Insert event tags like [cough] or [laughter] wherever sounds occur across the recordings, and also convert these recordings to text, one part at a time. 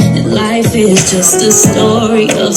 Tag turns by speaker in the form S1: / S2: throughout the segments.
S1: And life is just a story of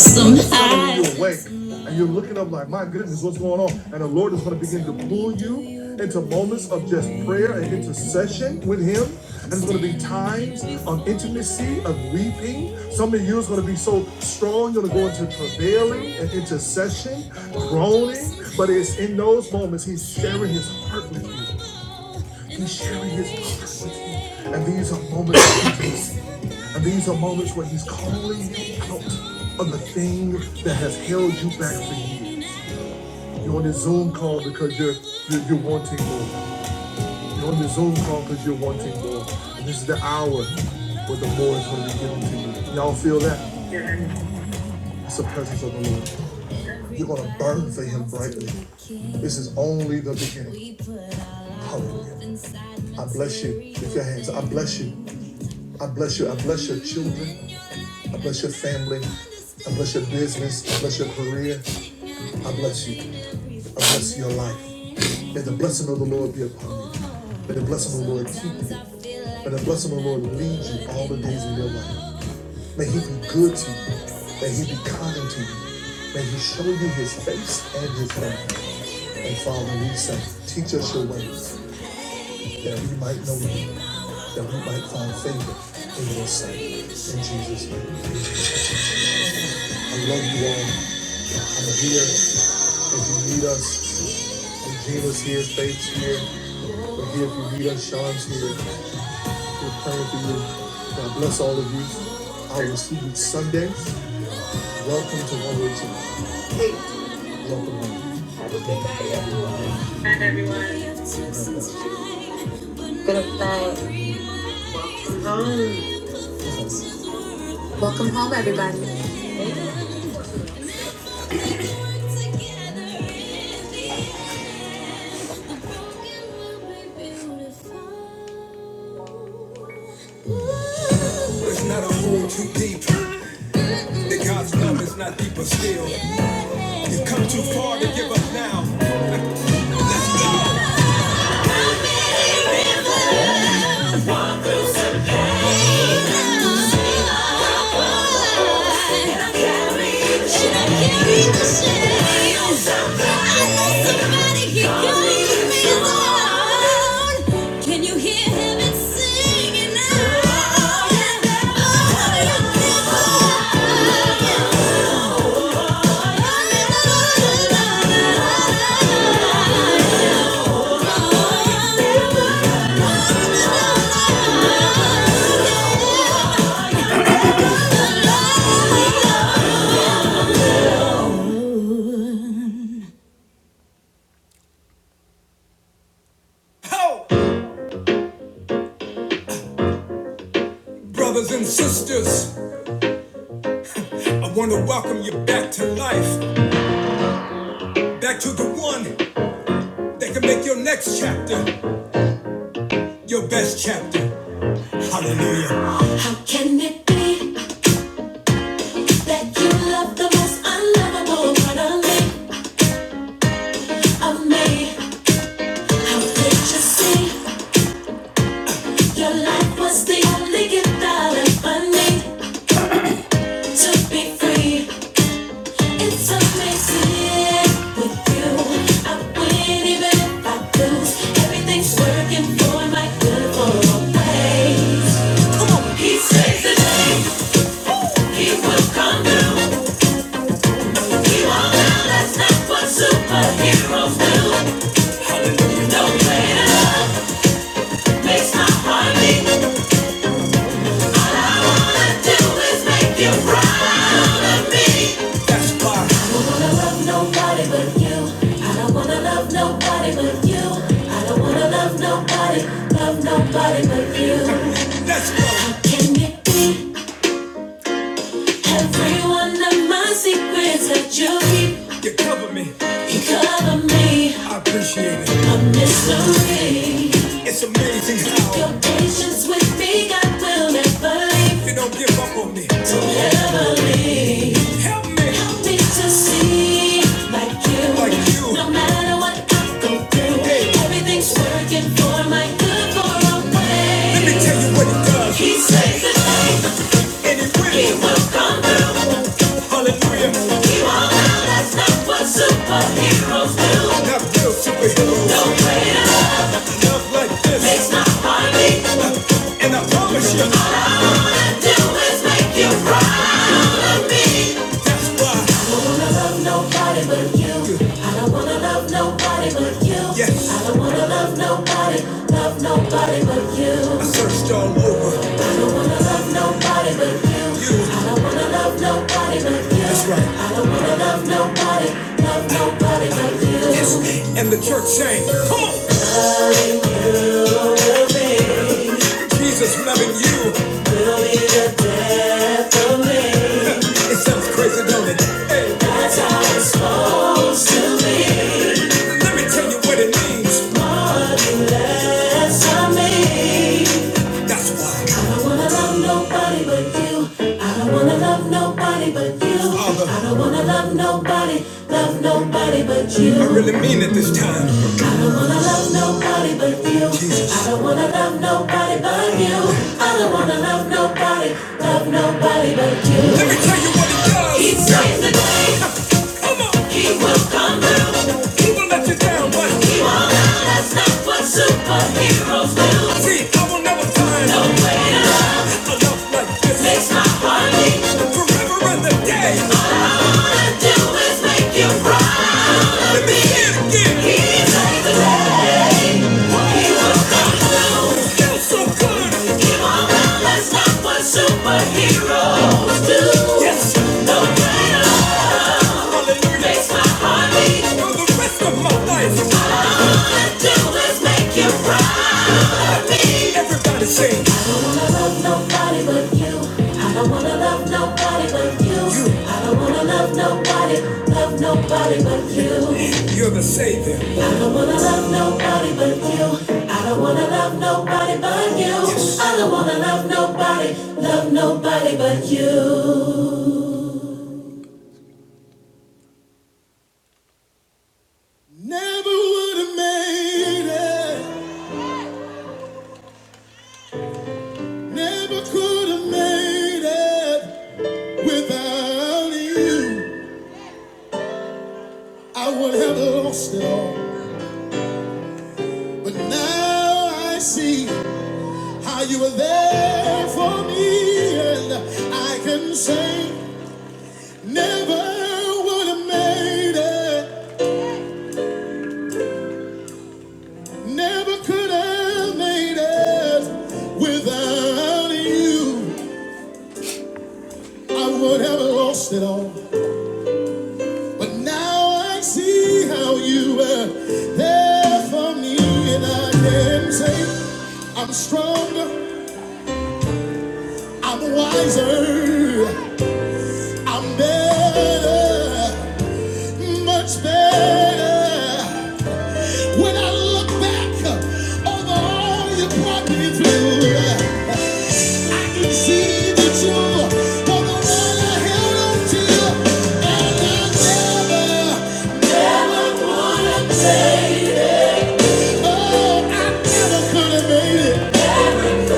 S1: It's not a hole too deep. The God's love is not deeper still. You've come too far to give up now. Can you hear heaven singing now? Brothers and sisters, I want to welcome you back to life. Back to the one that can make your next chapter your best chapter. Hallelujah. Let me love the most unlovable part of me, of me. How did you see? Your life was the only gift that I ever need to be free. It's amazing with you. I win even if I lose. Everything's working for my good for always. Come on. He says that he will come through. That's not what superheroes do. No greater makes my heart beat. All I do is make you proud of me. I don't wanna love nobody but you. I don't wanna love nobody but you. I don't wanna love nobody, love nobody but you. How can it be? Every one of my secrets that you keep, You cover me. you cover me. I appreciate it. A mystery. It's amazing how Your patience with me, God will never leave. you don't give up on me. Don't ever leave. Help me Help me to see like you. like you. No matter what I go through, Hey, everything's working for my good for a way. let me tell you what it does. He says that And it will Hallelujah. Not real superheroes. No. Love like this. It's not real. And I promise you, that's why. I don't wanna love nobody but you. I don't wanna love nobody but you. Yes. I don't wanna love nobody, love nobody but you. I searched all over. I don't wanna love nobody but you. you. I don't wanna love nobody but you. That's right. I don't wanna love nobody, love nobody but you. Yes. And the church saying, come on. Jesus loving you. It sounds crazy, don't it? Hey. That's how it's supposed to be. Let me tell you what it means. That's why. you. I don't wanna really mean it this time. I don't wanna love nobody but you. Jesus. I don't wanna love nobody but you. I don't wanna love nobody, love nobody but you. Let me tell you what it does. He saves the day. [laughs] Come on. He will come through. He will let you down, but he won't put super. See, I will never find no one. a love like Makes my forever and a day. Let me hear it again. He feels so good. what superheroes do. Yes, hallelujah. Makes my for the rest of my life. I'll Always make Everybody sing. I don't wanna love nobody but you. I don't wanna love nobody but you. You. I don't wanna love nobody, love nobody but you. You're the savior. I don't wanna love nobody but you. I don't wanna love nobody but you. Yes. I don't wanna love nobody, love nobody but you. Never would have made it. Never could have made it without you. I would have lost it all. I never.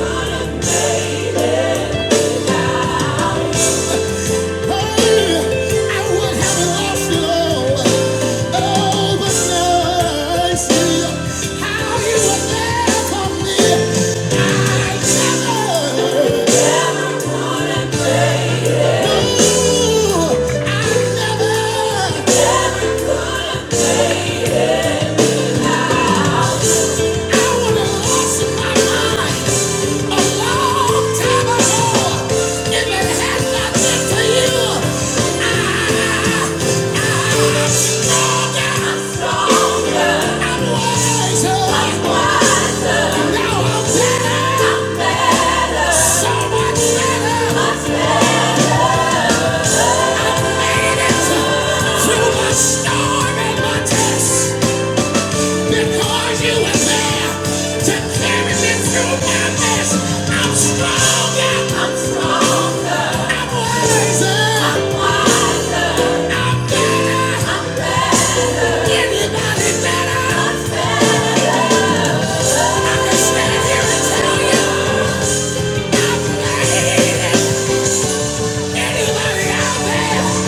S1: never Yeah. Storm and my test. Because you were there to carry me through my mess, I'm stronger. I'm stronger. I'm wiser. I'm wiser. I'm better. I'm better. Anybody better? I'm better. I can stand here and tell you, I'm better. Anybody out there?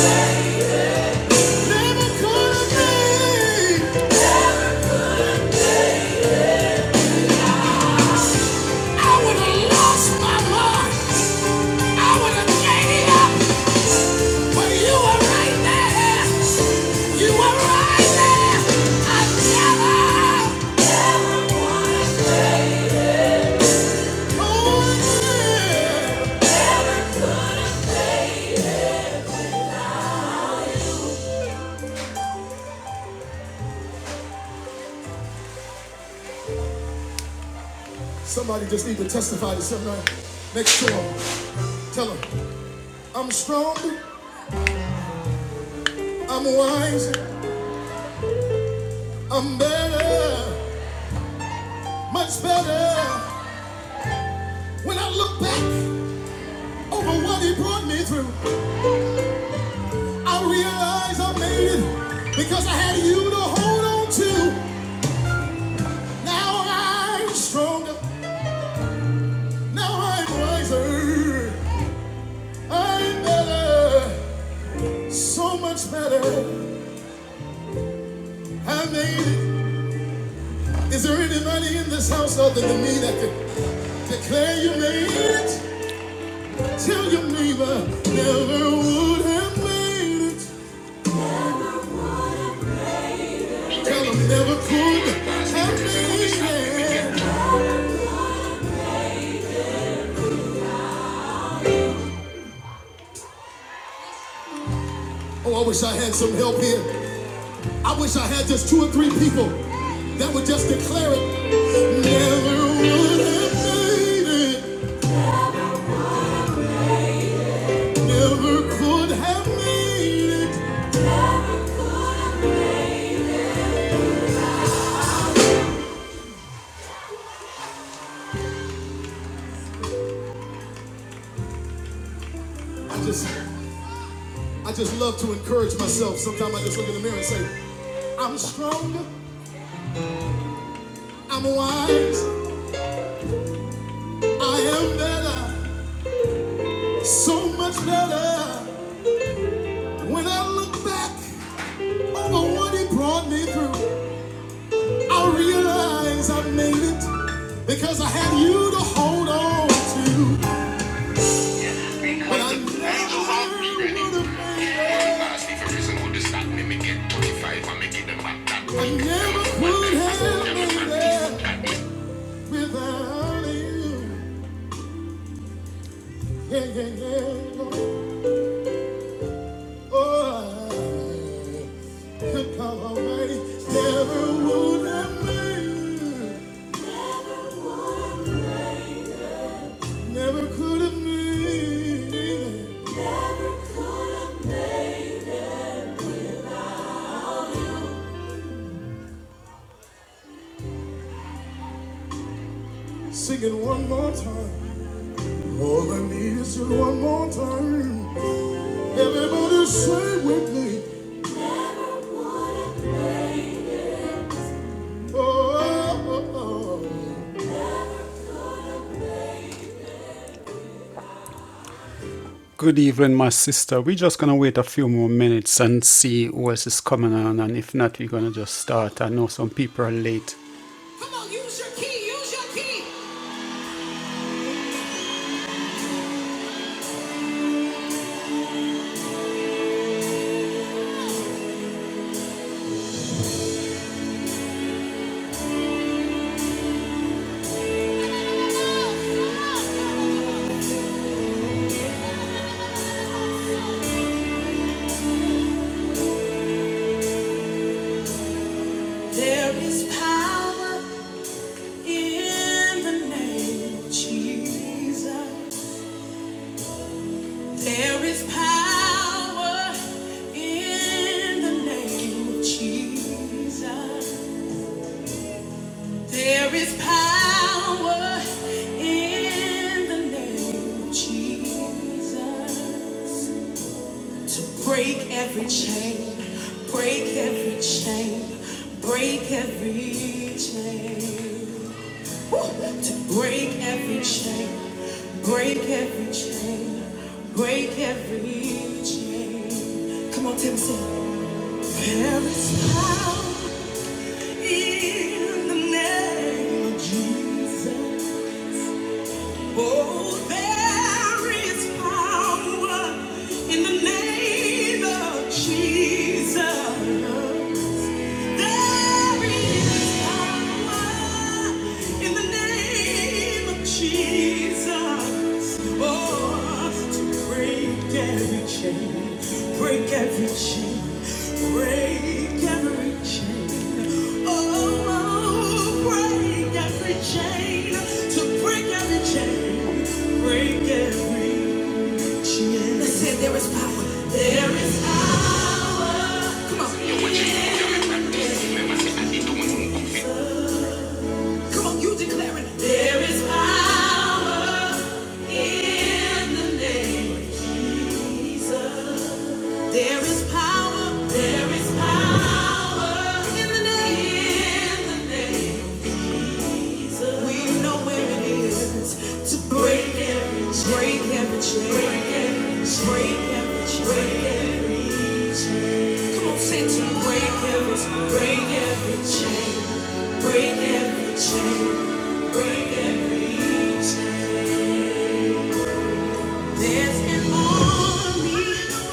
S1: Yeah. Never could be. I would have lost my mind. I would have gave up. But you were right there. You were right there. I never, never would have. Oh, yeah. I'm wiser. I'm better. Much better. When I look back over what he brought me through, I realize I made it because I had you to hold on to. Now I'm stronger. Now I'm wiser. Come on, use your key. Use your key. There is power in the name of Jesus. There is power in the name of Jesus. There is power in the name of Jesus. To break every chain, break every chain, break every chain. Woo! To break every chain, break every chain, break every chain. Come on, Tim, sing. There is power in the name of Jesus. Oh, there is power in the name of Jesus. There is power in the name of Jesus. Oh, to break every chain, break every chain, break every chain. Oh, break every chain, to break every chain, break every chain. Let's there is power. There is power. Come on. Come on, you declare There is power in the name of Jesus. There is power. There is power in the name. In the name. We know where it is to break every chain, break every chain, break every chain, break every chain, break every chain. Come on, say to me, break every, break every chain, break every chain, break every chain. There's an army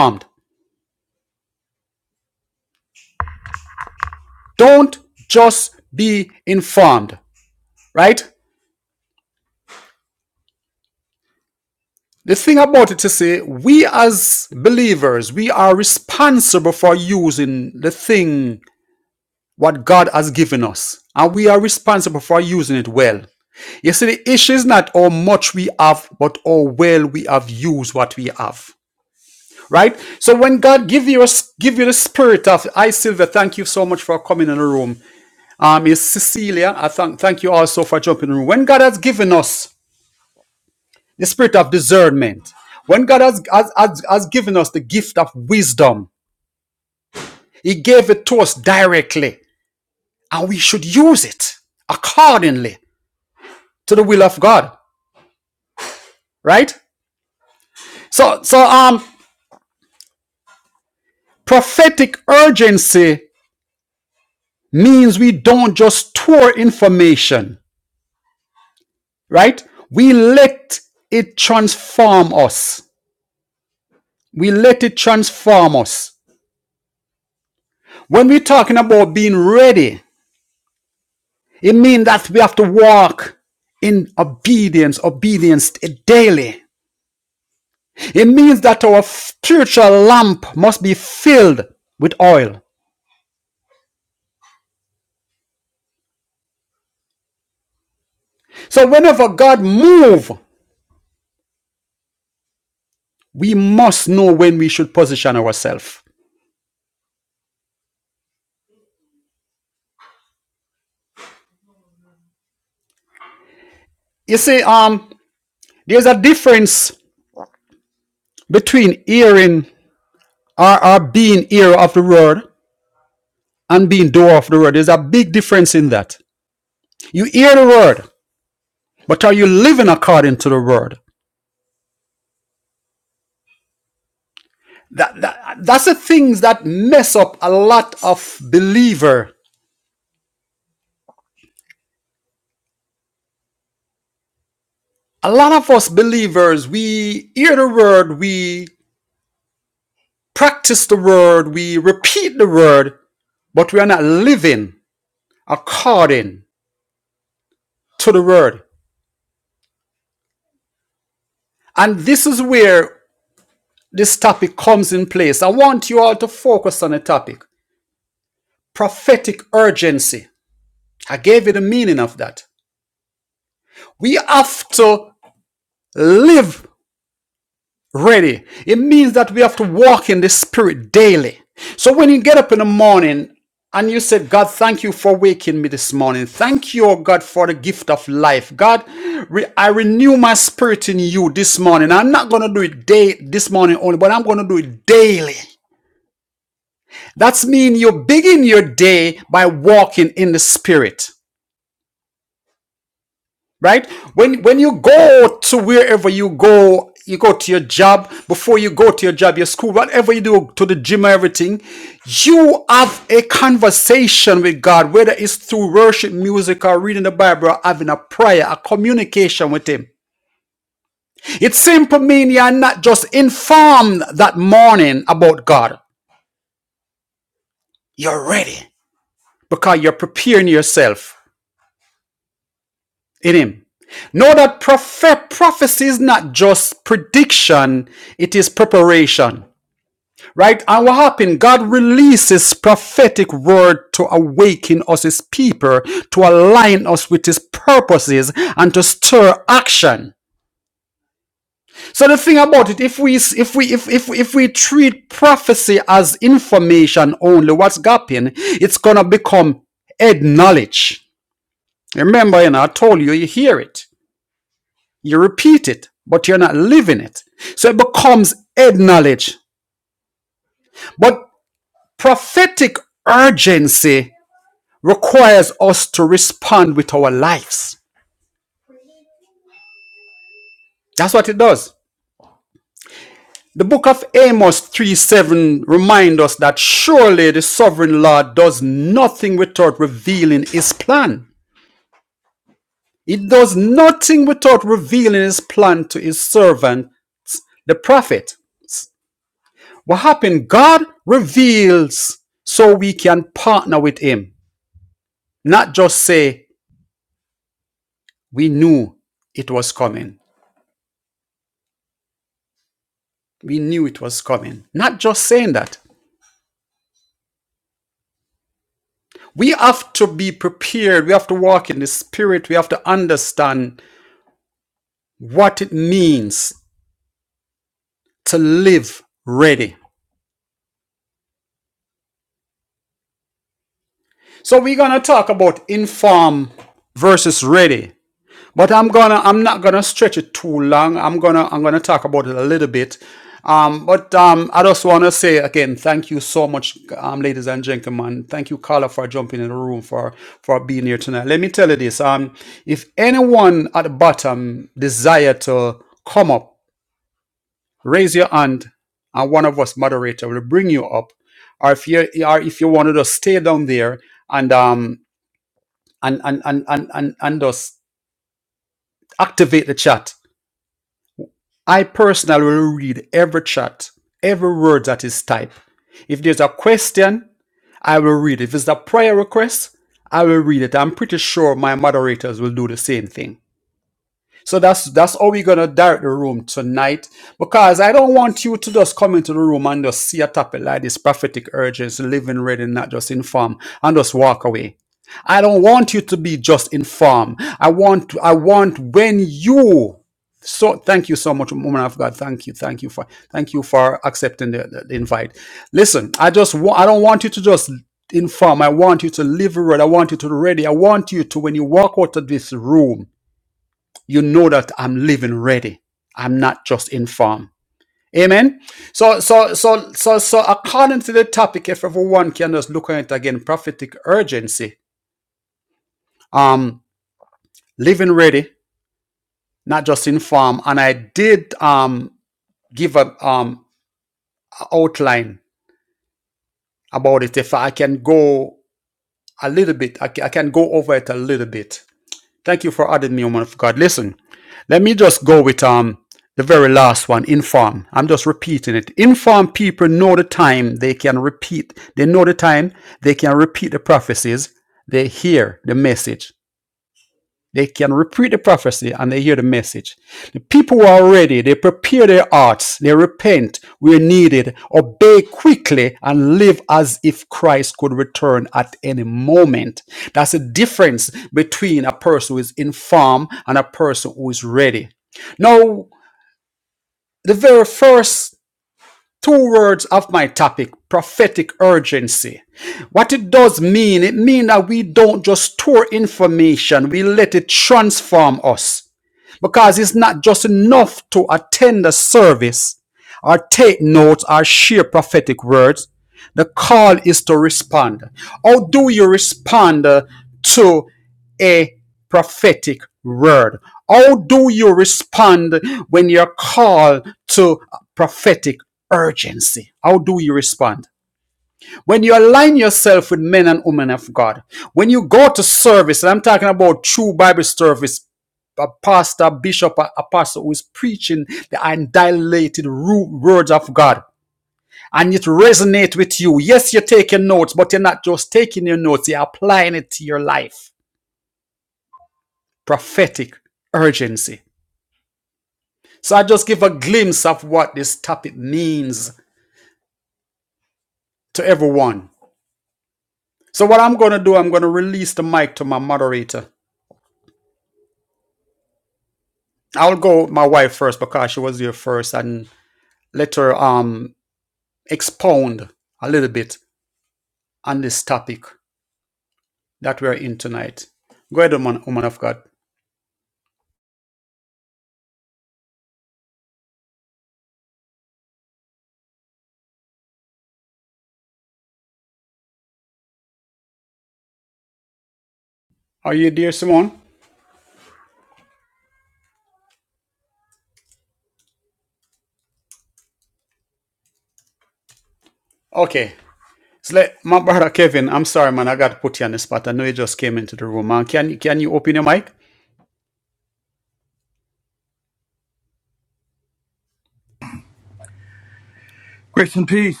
S2: Grace and peace,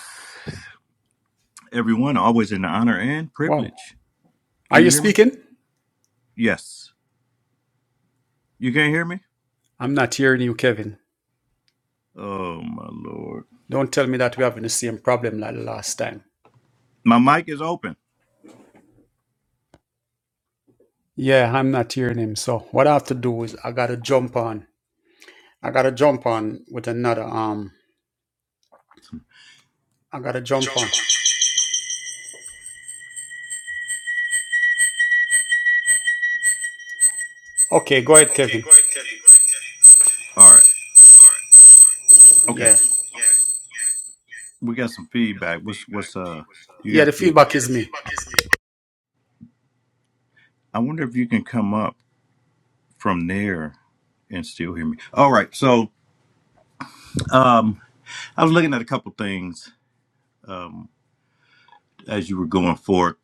S2: everyone. Always an honor and privilege. Can you hear me? Yes. You can't hear me? Oh my lord. My mic is open. All right. Okay. We got some feedback. What's what's uh you got the I wonder if you can come up from there and still hear me. All right. So um I was looking at a couple things um as you were going forth.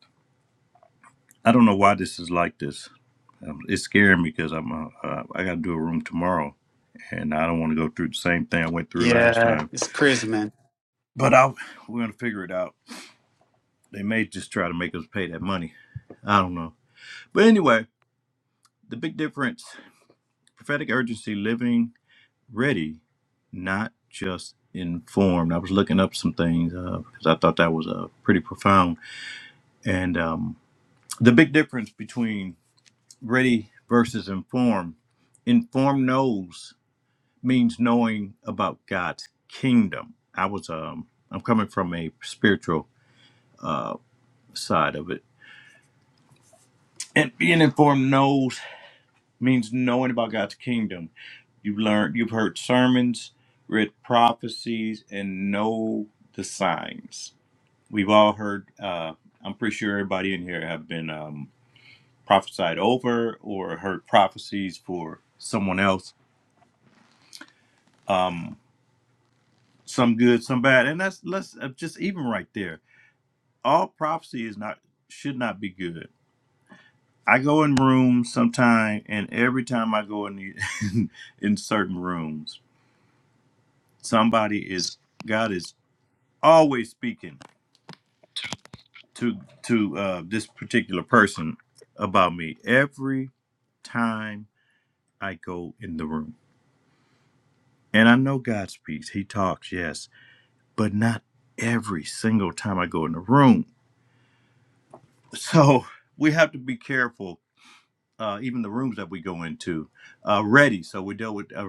S2: I don't know why this is like this. Um, it's scaring me because I'm uh, uh, I got to do a room tomorrow, and I don't want to go through the same thing I went through last
S3: Yeah,
S2: time
S3: it's crazy, man.
S2: But I, we're gonna figure it out. They may just try to make us pay that money. I don't know. But anyway, the big difference: prophetic urgency, living ready, not just informed. I was looking up some things uh, because I thought that was uh, pretty profound. And um, the big difference between ready versus informed: informed knows means knowing about God's kingdom. I was um, I'm coming from a spiritual side of it And being informed knows means knowing about God's kingdom. You've learned, you've heard sermons, read prophecies, and know the signs. We've all heard. Uh, I'm pretty sure everybody in here have been um, prophesied over or heard prophecies for someone else. Um, some good, some bad, and that's let's uh, just even right there. All prophecy is not should not be good. I go in rooms sometime, and every time I go in the, [laughs] in certain rooms somebody is god is always speaking to to uh this particular person about me every time i go in the room and i know god speaks he talks yes but not every single time i go in the room so we have to be careful uh, even the rooms that we go into uh, ready so we deal with uh,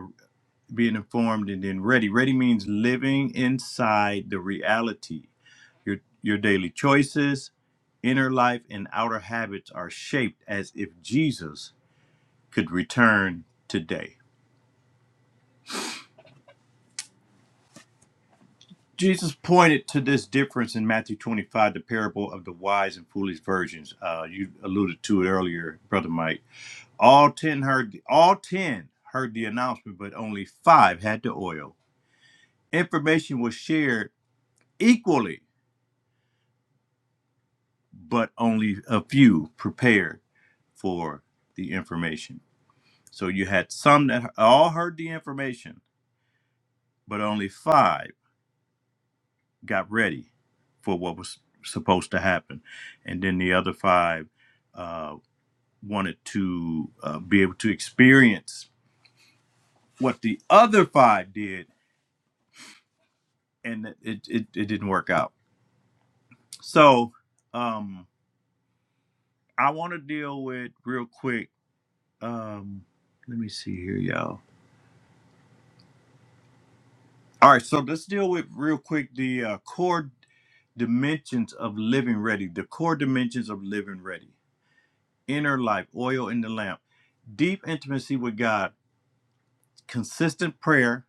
S2: being informed and then ready ready means living inside the reality Your, your daily choices, inner life, and outer habits are shaped as if Jesus could return today. Jesus pointed to this difference in Matthew 25, the parable of the wise and foolish virgins. Uh, you alluded to it earlier, Brother Mike. All ten heard all ten heard the announcement, but only five had the oil. Information was shared equally, but only a few prepared for the information. So you had some that all heard the information, but only five got ready for what was supposed to happen. And then the other five uh, wanted to uh, be able to experience what the other five did, and it, it, it didn't work out. So um, I want to deal with real quick. Um, let me see here, y'all. All right, so let's deal with real quick the uh, core dimensions of living ready. The core dimensions of living ready. Inner life, oil in the lamp, deep intimacy with God, consistent prayer,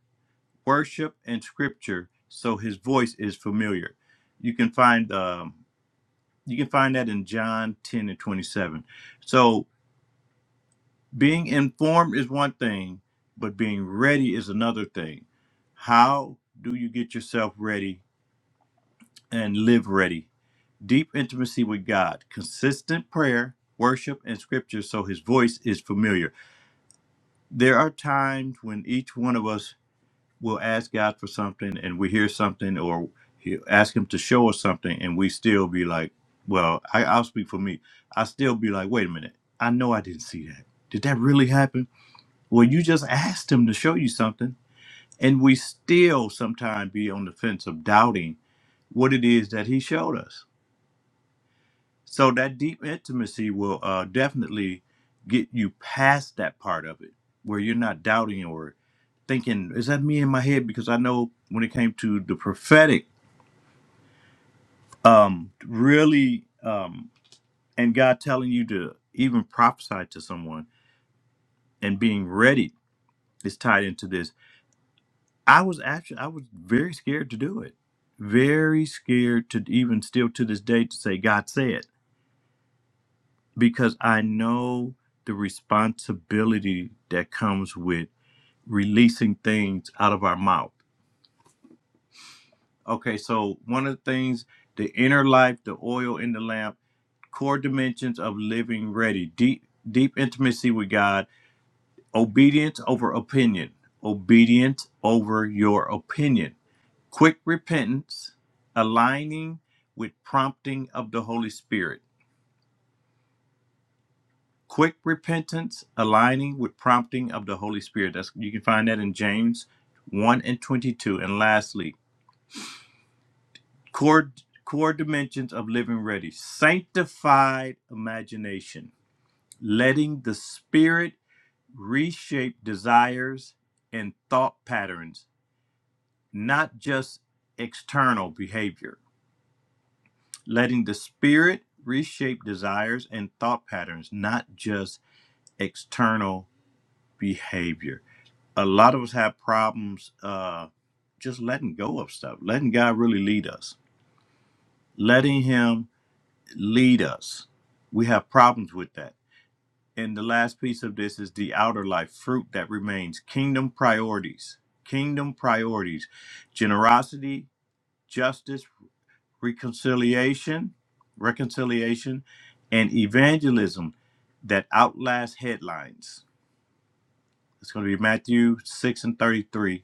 S2: worship, and scripture. So His voice is familiar. You can find um, you can find that in John ten and twenty seven. So being informed is one thing, but being ready is another thing. How do you get yourself ready and live ready? deep intimacy with God, consistent prayer, worship, and scripture so his voice is familiar. There are times when each one of us will ask God for something and we hear something or he- ask him to show us something and we still be like, well, I, I'll speak for me. I still be like, wait a minute, I know I didn't see that. Did that really happen? Well, you just asked him to show you something. And we still sometimes be on the fence of doubting what it is that he showed us So that deep intimacy will uh, definitely get you past that part of it where you're not doubting or thinking, is that me in my head? Because I know when it came to the prophetic, um, really, um, and God telling you to even prophesy to someone and being ready is tied into this. I was actually, I was very scared to do it. Very scared to even still to this day to say, God said. because I know the responsibility that comes with releasing things out of our mouth. Okay, so one of the things, the inner life, the oil in the lamp, core dimensions of living ready, deep deep intimacy with God, obedience over opinion, obedience over your opinion, quick repentance, aligning with prompting of the Holy Spirit Quick repentance aligning with prompting of the Holy Spirit. That's you can find that in James 1 and 22. And lastly, core core dimensions of living ready. Sanctified imagination. Letting the spirit reshape desires and thought patterns, not just external behavior. Letting the spirit reshape desires and thought patterns, not just external behavior. a lot of us have problems uh, just letting go of stuff, letting God really lead us, letting Him lead us. We have problems with that. And the last piece of this is the outer life fruit that remains kingdom priorities, kingdom priorities, generosity, justice, reconciliation, reconciliation, and evangelism that outlast headlines. It's going to be Matthew 6 and 33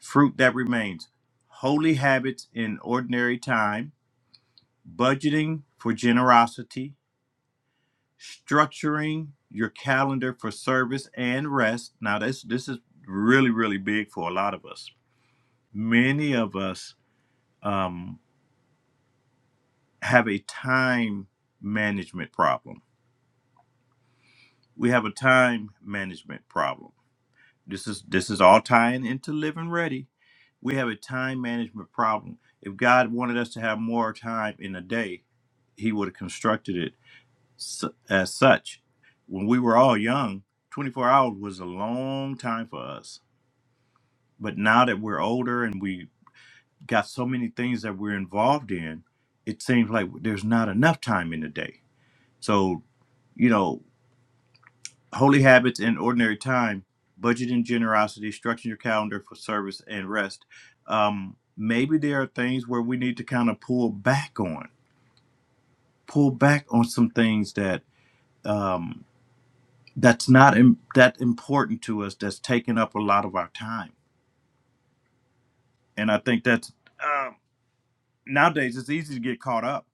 S2: Fruit that remains holy habits in ordinary time, budgeting for generosity, structuring your calendar for service and rest. Now, this, this is really, really big for a lot of us. Many of us um, have a time management problem. We have a time management problem This is this is all tying into living ready. We have a time management problem. If God wanted us to have more time in a day, He would have constructed it su- as such. When we were all young, 24 hours was a long time for us. But now that we're older and we got so many things that we're involved in, it seems like there's not enough time in the day. So, you know, Holy habits in ordinary time, budgeting generosity, structuring your calendar for service and rest. Um, maybe there are things where we need to kind of pull back on, pull back on some things that um, that's not Im- that important to us. That's taking up a lot of our time, and I think that's um nowadays it's easy to get caught up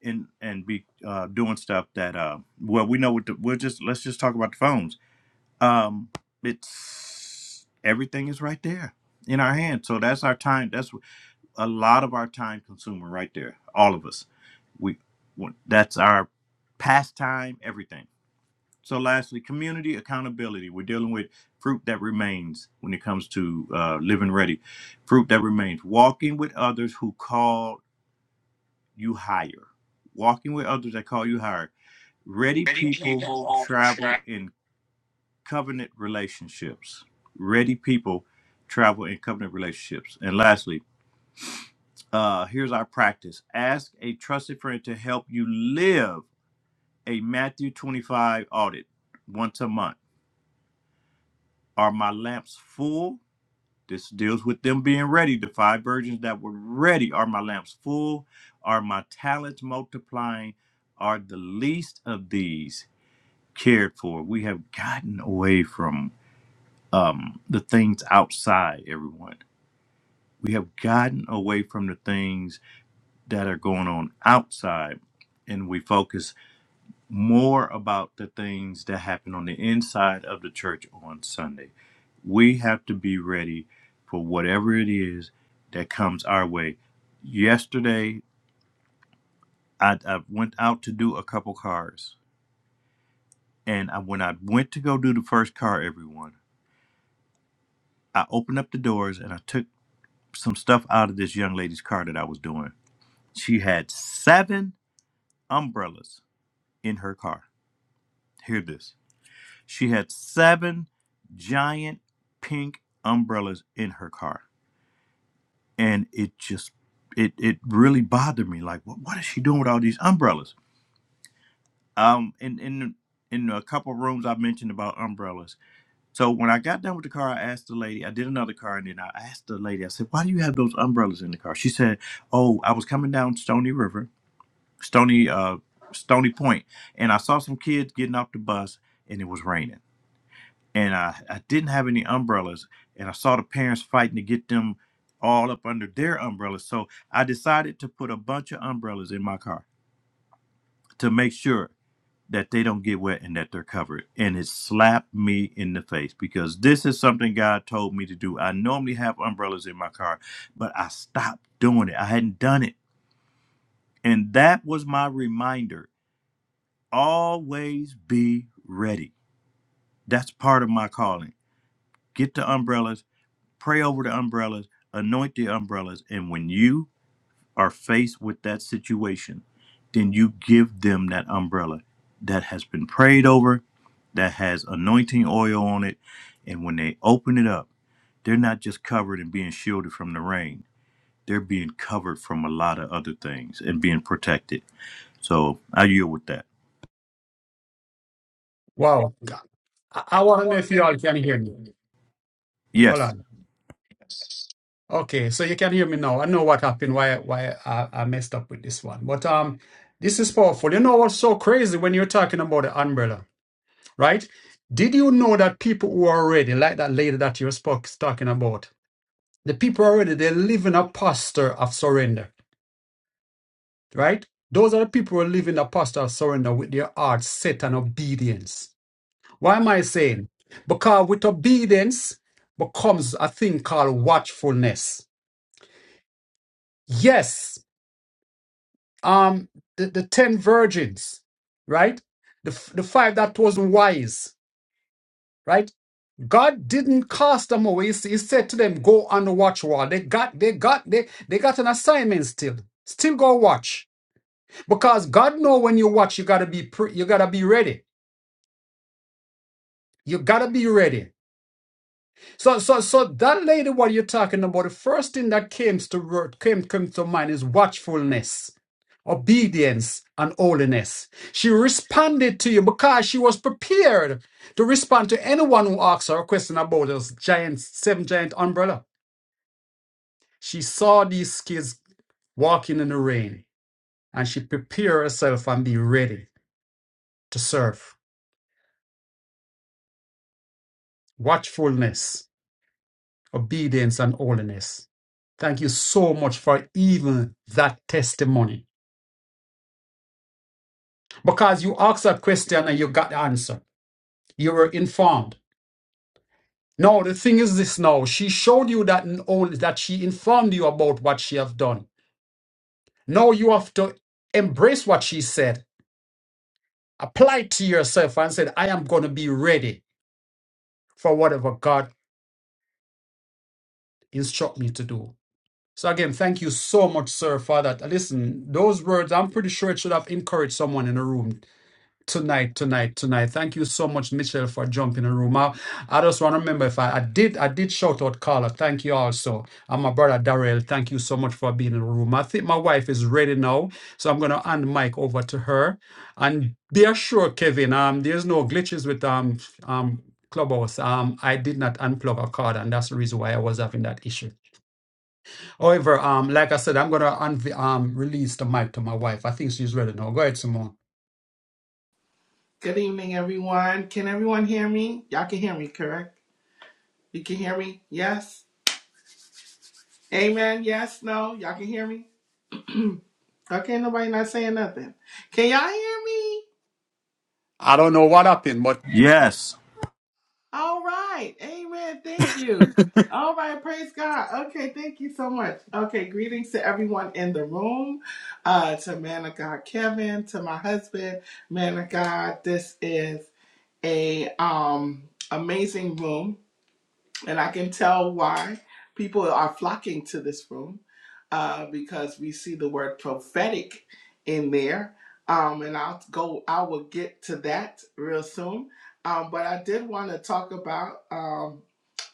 S2: in and be uh, doing stuff that uh, well we know what the, we'll just let's just talk about the phones um it's everything is right there in our hands. so that's our time that's a lot of our time consumer right there all of us we that's our pastime everything so lastly community accountability we're dealing with fruit that remains when it comes to uh, living ready fruit that remains walking with others who call you higher walking with others that call you higher ready people travel in covenant relationships. Ready people travel in covenant relationships. And lastly, uh, here's our practice ask a trusted friend to help you live a Matthew 25 audit once a month. Are my lamps full? This deals with them being ready. The five virgins that were ready. Are my lamps full? Are my talents multiplying? Are the least of these cared for? We have gotten away from um, the things outside, everyone We have gotten away from the things that are going on outside and we focus more about the things that happen on the inside of the church on Sunday. We have to be ready for whatever it is that comes our way. Yesterday, I, I went out to do a couple cars. And I, when I went to go do the first car, everyone, I opened up the doors and I took some stuff out of this young lady's car that I was doing. She had seven umbrellas in her car. Hear this. She had seven giant pink umbrellas in her car. And it just it it really bothered me. Like what, what is she doing with all these umbrellas? Um in in in a couple of rooms I mentioned about umbrellas. So when I got done with the car, I asked the lady, I did another car and then I asked the lady, I said, Why do you have those umbrellas in the car? She said, Oh, I was coming down Stony River, Stony uh Stony Point, and I saw some kids getting off the bus and it was raining. and I, I didn't have any umbrellas and i saw the parents fighting to get them all up under their umbrellas so i decided to put a bunch of umbrellas in my car to make sure that they don't get wet and that they're covered and it slapped me in the face because this is something god told me to do i normally have umbrellas in my car but i stopped doing it i hadn't done it and that was my reminder always be ready that's part of my calling get the umbrellas Pray over the umbrellas, anoint the umbrellas, and when you are faced with that situation, then you give them that umbrella that has been prayed over, that has anointing oil on it, and when they open it up, they're not just covered and being shielded from the rain. They're being covered from a lot of other things and being protected. So I yield with that. Yes.
S4: Good evening, everyone. Can everyone hear me? Y'all can hear me, correct? You can hear me? Yes? Amen? Yes? No? Y'all can hear me? Okay, nobody not saying nothing. Can y'all hear me?
S3: I don't know what happened, but
S2: Yes.
S4: All right. Amen. Thank you. All right. Praise God. Okay. Thank you so much. Okay. Greetings to everyone in the room. Uh, to man of God, Kevin, to my husband, man of God. This is a um amazing room And I can tell why people are flocking to this room uh, because we see the word prophetic in there. Um, and I'll go, I will get to that real soon. Um, but I did want to talk about um,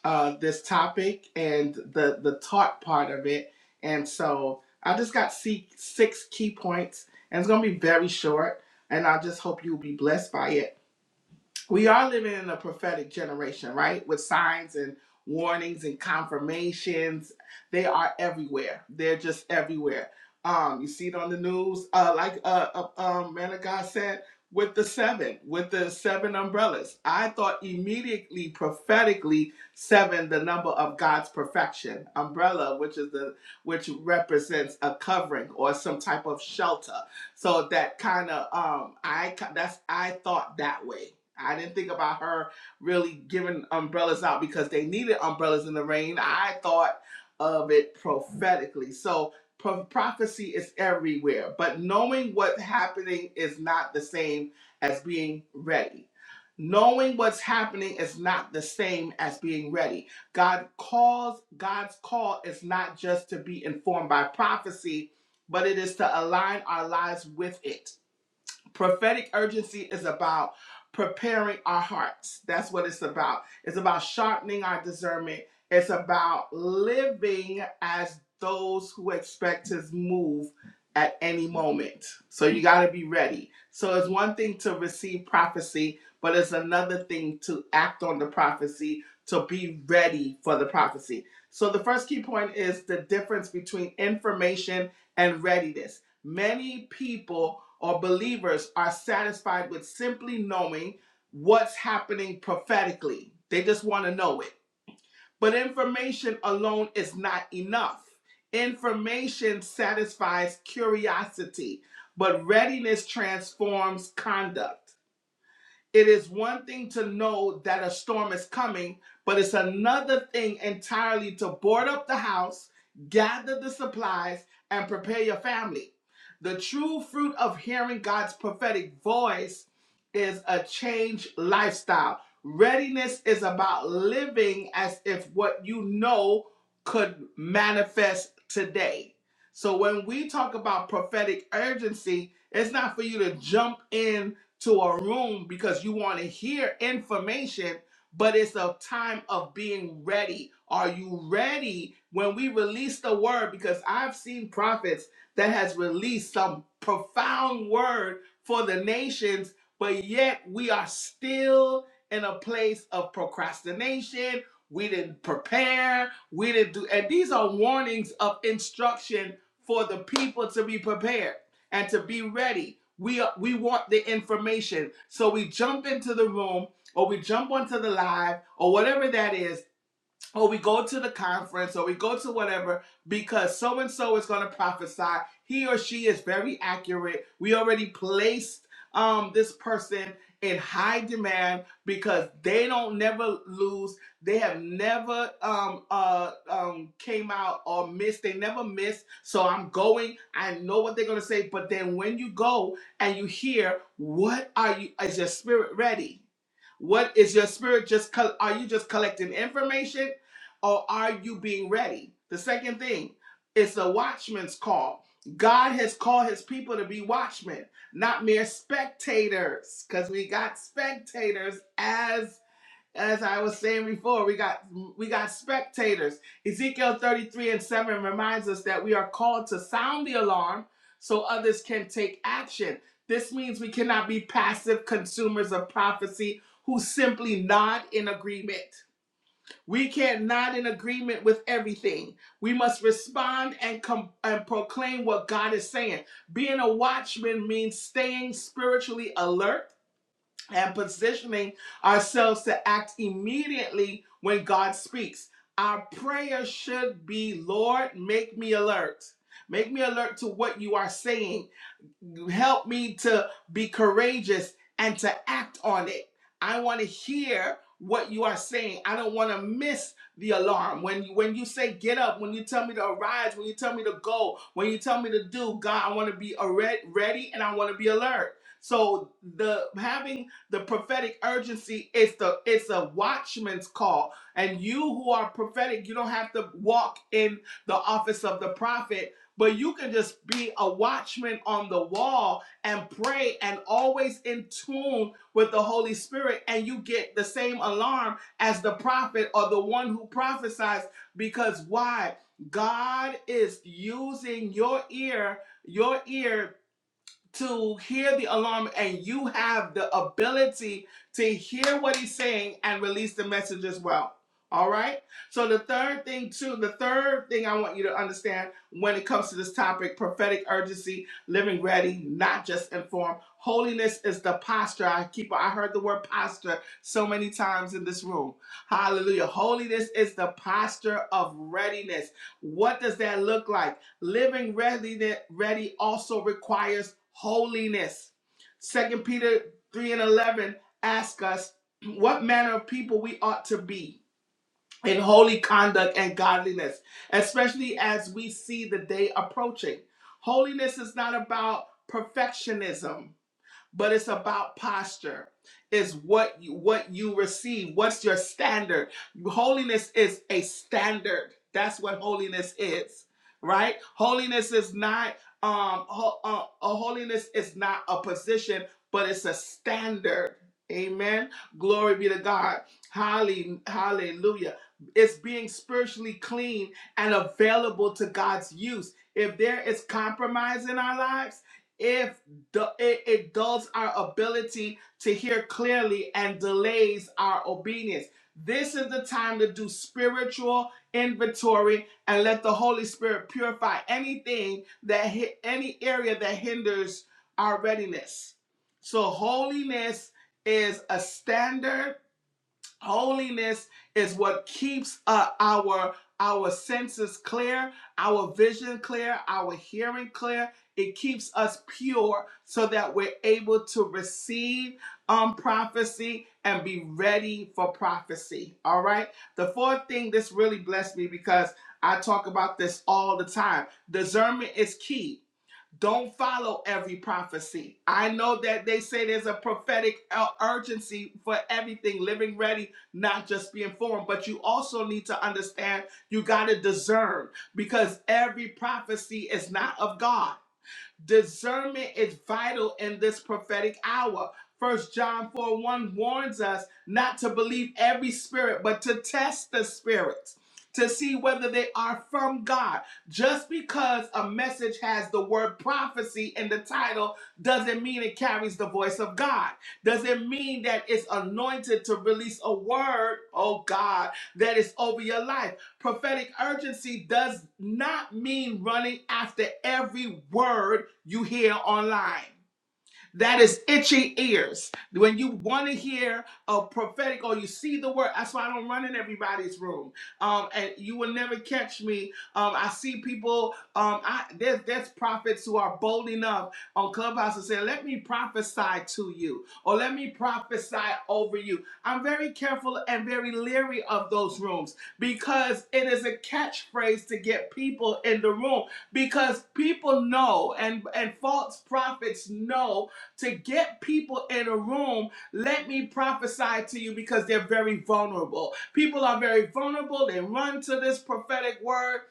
S4: uh, this topic and the, the taught part of it. And so I just got se- six key points, and it's going to be very short. And I just hope you'll be blessed by it we are living in a prophetic generation, right? With signs and warnings and confirmations. They are everywhere. They're just everywhere. Um, you see it on the news, uh, like uh, uh, um, man of God said, with the seven, with the seven umbrellas. I thought immediately, prophetically, seven, the number of God's perfection. Umbrella, which is the which represents a covering or some type of shelter so that kind of um I that's I thought that way. I didn't think about her really giving umbrellas out because they needed umbrellas in the rain. I thought of it prophetically. So pro- prophecy is everywhere, but knowing what's happening is not the same as being ready. Knowing what's happening is not the same as being ready. God calls, God's call is not just to be informed by prophecy, but it is to align our lives with it. Prophetic urgency is about preparing our hearts. That's what it's about. It's about sharpening our discernment. It's about living as those who expect his move at any moment. So you got to be ready. So it's one thing to receive prophecy, but it's another thing to act on the prophecy, to be ready for the prophecy. So the first key point is the difference between information and readiness. Many people or believers are satisfied with simply knowing what's happening prophetically. They just want to know it. But information alone is not enough. Information satisfies curiosity, but readiness transforms conduct. It is one thing to know that a storm is coming, but it's another thing entirely to board up the house, gather the supplies, and prepare your family. The true fruit of hearing God's prophetic voice is a changed lifestyle. Readiness is about living as if what you know could manifest today. So when we talk about prophetic urgency, it's not for you to jump in to a room because you want to hear information, but it's a time of being ready. Are you ready when we release the word? Because I've seen prophets that has released some profound word for the nations, but yet we are still in a place of procrastination. We didn't prepare. We didn't do, and these are warnings of instruction for the people to be prepared and to be ready we are, we want the information, so we jump into the room or we jump onto the live or whatever that is or we go to the conference or we go to whatever because so and so is going to prophesy. He or she is very accurate. We already placed um, this person in high demand because they don't never lose. They have never um, uh, um, came out or missed. They never miss. So I'm going. I know what they're going to say. But then when you go and you hear, what are you? Is your spirit ready? What is your spirit just? col- Are you just collecting information? or are you being ready? The second thing, it's a watchman's call. God has called his people to be watchmen, not mere spectators, because we got spectators as as I was saying before, we got we got spectators. Ezekiel 33 and 7 reminds us that we are called to sound the alarm so others can take action. This means we cannot be passive consumers of prophecy who simply nod in agreement. We cannot in agreement with everything. We must respond and com- and proclaim what God is saying. Being a watchman means staying spiritually alert and positioning ourselves to act immediately when God speaks. Our prayer should be, Lord, make me alert. Make me alert to what you are saying help me to be courageous and to act on it. I want to hear what you are saying. I don't want to miss the alarm. When you, when you say get up, when you tell me to arise, when you tell me to go, when you tell me to do, God, I want to be alre- ready and I want to be alert. So the having the prophetic urgency is the it's a watchman's call. And you who are prophetic, you don't have to walk in the office of the prophet but you can just be a watchman on the wall and pray and always in tune with the Holy Spirit, and you get the same alarm as the prophet or the one who prophesies. Because why? God is using your ear, your ear to hear the alarm and you have the ability to hear what he's saying and release the message as well. All right. So the third thing too, the third thing I want you to understand when it comes to this topic, prophetic urgency, living ready, not just informed. Holiness is the posture. I keep I heard the word posture so many times in this room. Hallelujah. Holiness is the posture of readiness. What does that look like? Living ready, also requires holiness. Second Peter 3 and 11 ask us [clears throat] what manner of people we ought to be in holy conduct and godliness, especially as we see the day approaching. Holiness is not about perfectionism but it's about posture is what you, what you receive what's your standard holiness is a standard that's what holiness is right holiness is not um ho- uh, uh, holiness is not a position but it's a standard amen glory be to god Halle- hallelujah it's being spiritually clean and available to god's use if there is compromise in our lives if du- it, it dulls our ability to hear clearly and delays our obedience. This is the time to do spiritual inventory and let the Holy Spirit purify anything that hi- any area that hinders our readiness. So holiness is a standard Holiness is what keeps uh, our our senses clear, our vision clear, our hearing clear. It keeps us pure so that we're able to receive um, prophecy and be ready for prophecy. All right. The fourth thing this really blessed me because I talk about this all the time. Discernment is key don't follow every prophecy. I know that they say there's a prophetic uh, urgency for everything, living ready, not just being formed, but you also need to understand you got to discern because every prophecy is not of God. Discernment is vital in this prophetic hour. First John 4 1 warns us not to believe every spirit, but to test the spirits to see whether they are from God. Just because a message has the word prophecy in the title doesn't mean it carries the voice of God. Doesn't mean that it's anointed to release a word, oh God, that is over your life. Prophetic urgency does not mean running after every word you hear online. That is itchy ears. When you want to hear a prophetic or you see the word, that's why I don't run in everybody's room. Um, and you will never catch me. Um, I see people. Um, I there's there's prophets who are bold enough on Clubhouse to say, "Let me prophesy to you," or "Let me prophesy over you." I'm very careful and very leery of those rooms because it is a catchphrase to get people in the room because people know and and false prophets know to get people in a room, let me prophesy to you because they're very vulnerable. People are very vulnerable. They run to this prophetic word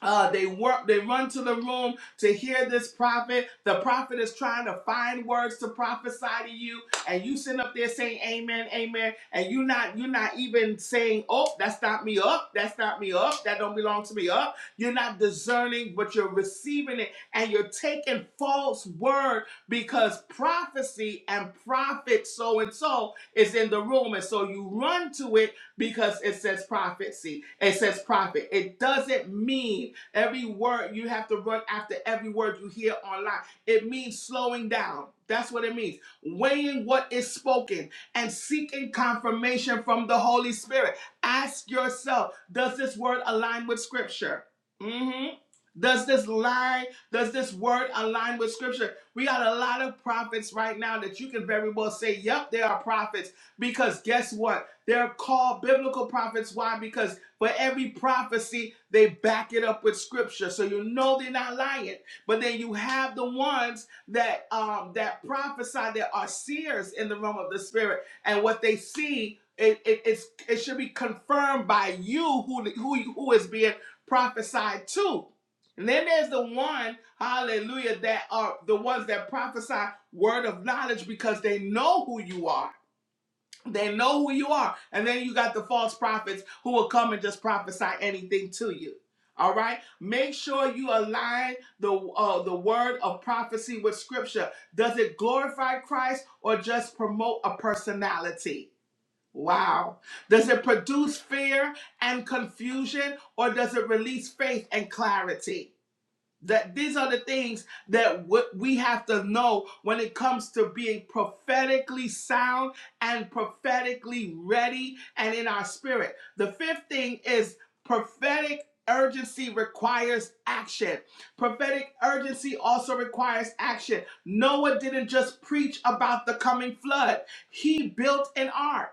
S4: uh, they work, they run to the room to hear this prophet. The prophet is trying to find words to prophesy to you, and you sit up there saying amen, amen, and you're not you're not even saying, Oh, that's not me up, that's not me up, that don't belong to me up. You're not discerning, but you're receiving it, and you're taking false word because prophecy and prophet so and so is in the room, and so you run to it because it says prophecy, it says prophet. It doesn't mean Every word you have to run after every word you hear online. It means slowing down. That's what it means. Weighing what is spoken and seeking confirmation from the Holy Spirit. Ask yourself, does this word align with scripture? hmm Does this lie, does this word align with scripture? We got a lot of prophets right now that you can very well say, yep, they are prophets. Because guess what? They're called biblical prophets. Why? Because for every prophecy, they back it up with scripture. So you know they're not lying. But then you have the ones that um that prophesy that are seers in the realm of the spirit, and what they see. It, it, it's, it should be confirmed by you who, who who is being prophesied to. And then there's the one, hallelujah, that are the ones that prophesy word of knowledge because they know who you are they know who you are. And then you got the false prophets who will come and just prophesy anything to you. All right. Make sure you align the uh, the word of prophecy with scripture. Does it glorify Christ or just promote a personality? Wow. Does it produce fear and confusion or does it release faith and clarity? That these are the things that we have to know when it comes to being prophetically sound and prophetically ready and in our spirit. The fifth thing is prophetic urgency requires action. Prophetic urgency also requires action. Noah didn't just preach about the coming flood, he built an ark.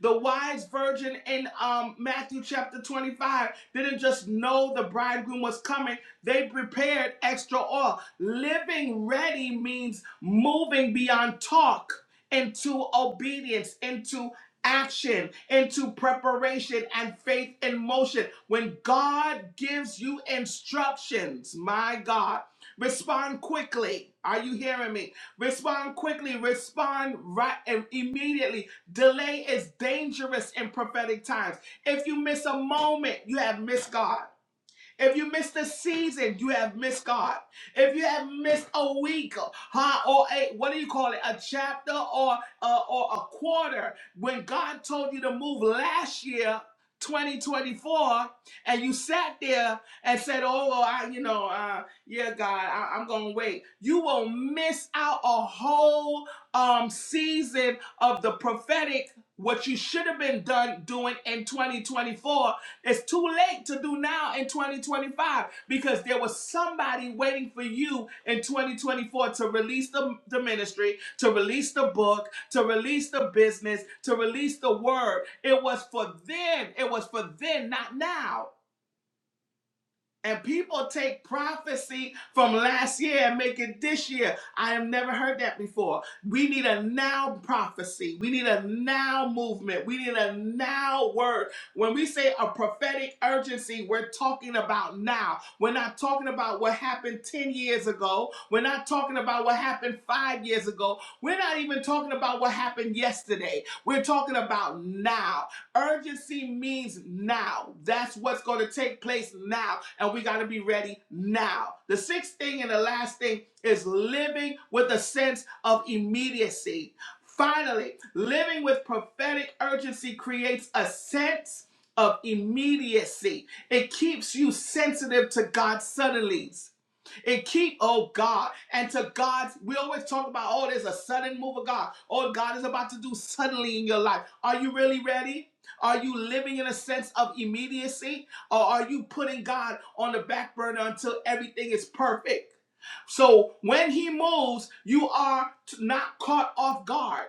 S4: The wise virgin in um, Matthew chapter 25 didn't just know the bridegroom was coming, they prepared extra oil. Living ready means moving beyond talk into obedience, into action, into preparation and faith in motion. When God gives you instructions, my God, respond quickly. Are you hearing me? Respond quickly, respond right and immediately Delay is dangerous in prophetic times. If you miss a moment, you have missed God. If you missed a season, you have missed God. If you have missed a week, huh, or a what do you call it, a chapter or uh, or a quarter, when God told you to move last year, 2024, and you sat there and said, "Oh, well, I, you know, uh, yeah, God, I, I'm gonna wait." You will miss out a whole um season of the prophetic. What you should have been done doing in 2024 it's too late to do now in 2025 because there was somebody waiting for you in 2024 to release the, the ministry, to release the book, to release the business, to release the word. It was for then. It was for then, not now. And people take prophecy from last year and make it this year. I have never heard that before. We need a now prophecy. We need a now movement. We need a now word. When we say a prophetic urgency, we're talking about now. We're not talking about what happened 10 years ago. We're not talking about what happened five years ago. We're not even talking about what happened yesterday. We're talking about now. Urgency means now. That's what's going to take place now. And we got to be ready now. The sixth thing and the last thing is living with a sense of immediacy. Finally, living with prophetic urgency creates a sense of immediacy. It keeps you sensitive to God's suddenlies and keep, oh God, and to God. We always talk about, oh, there's a sudden move of God. Oh, God is about to do suddenly in your life. Are you really ready? Are you living in a sense of immediacy? Or are you putting God on the back burner until everything is perfect? So when he moves, you are not caught off guard.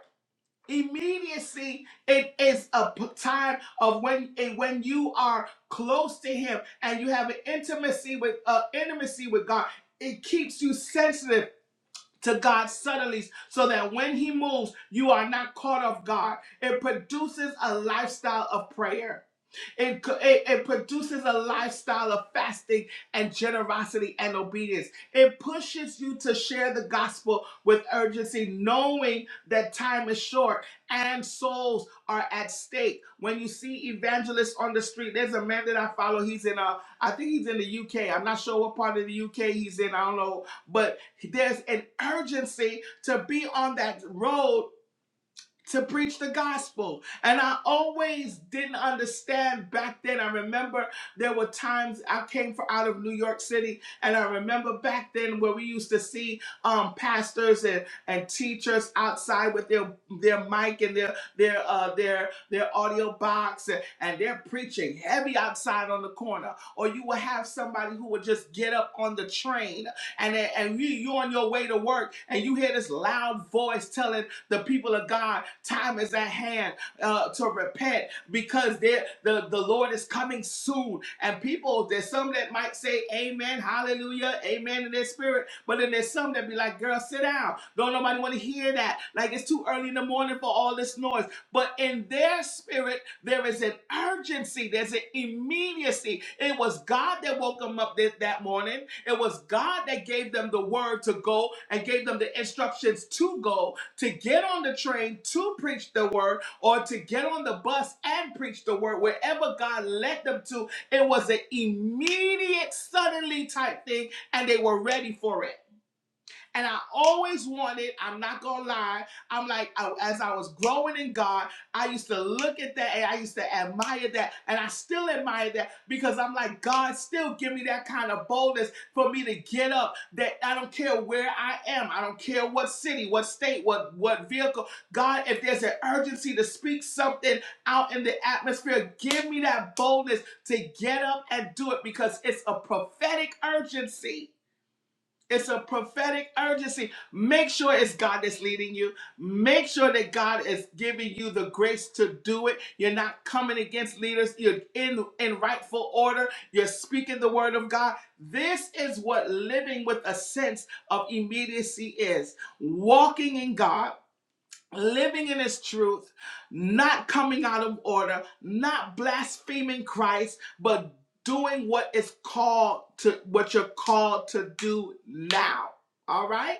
S4: Immediacy, it is a p- time of when and when you are close to Him and you have an intimacy with uh, intimacy with God. It keeps you sensitive to God's subtleties, so that when He moves, you are not caught off guard. It produces a lifestyle of prayer. It, it, it produces a lifestyle of fasting and generosity and obedience. It pushes you to share the gospel with urgency, knowing that time is short and souls are at stake. When you see evangelists on the street, there's a man that I follow. He's in a, I think he's in the UK. I'm not sure what part of the UK he's in. I don't know, but there's an urgency to be on that road to preach the gospel. And I always didn't understand back then. I remember there were times I came from out of New York City, and I remember back then where we used to see um, pastors and, and teachers outside with their their mic and their their uh, their their audio box, and, and they're preaching heavy outside on the corner. Or you will have somebody who would just get up on the train, and and you you on your way to work, and you hear this loud voice telling the people of God, time is at hand uh, to repent because the, the Lord is coming soon. And people, there's some that might say amen, hallelujah, amen in their spirit, but then there's some that be like, girl, sit down. Don't nobody want to hear that. Like it's too early in the morning for all this noise. But in their spirit, there is an urgency, there's an immediacy. It was God that woke them up th- that morning, it was God that gave them the word to go and gave them the instructions to go to get on the train to preach the word or to get on the bus and preach the word wherever God led them to. It was an immediate, suddenly type thing, and they were ready for it. And I always wanted, I'm not gonna lie, I'm like, I- as I was growing in God, I used to look at that and I used to admire that. And I still admire that because I'm like, God, still give me that kind of boldness for me to get up. That I don't care where I am, I don't care what city, what state, what, what vehicle. God, if there's an urgency to speak something out in the atmosphere, give me that boldness to get up and do it because it's a prophetic urgency. It's a prophetic urgency. Make sure it's God that's leading you. Make sure that God is giving you the grace to do it. You're not coming against leaders. You're in, in rightful order. You're speaking the word of God. This is what living with a sense of immediacy is walking in God living in his truth, not coming out of order, not blaspheming Christ, but doing what is called to what you're called to do now. All right?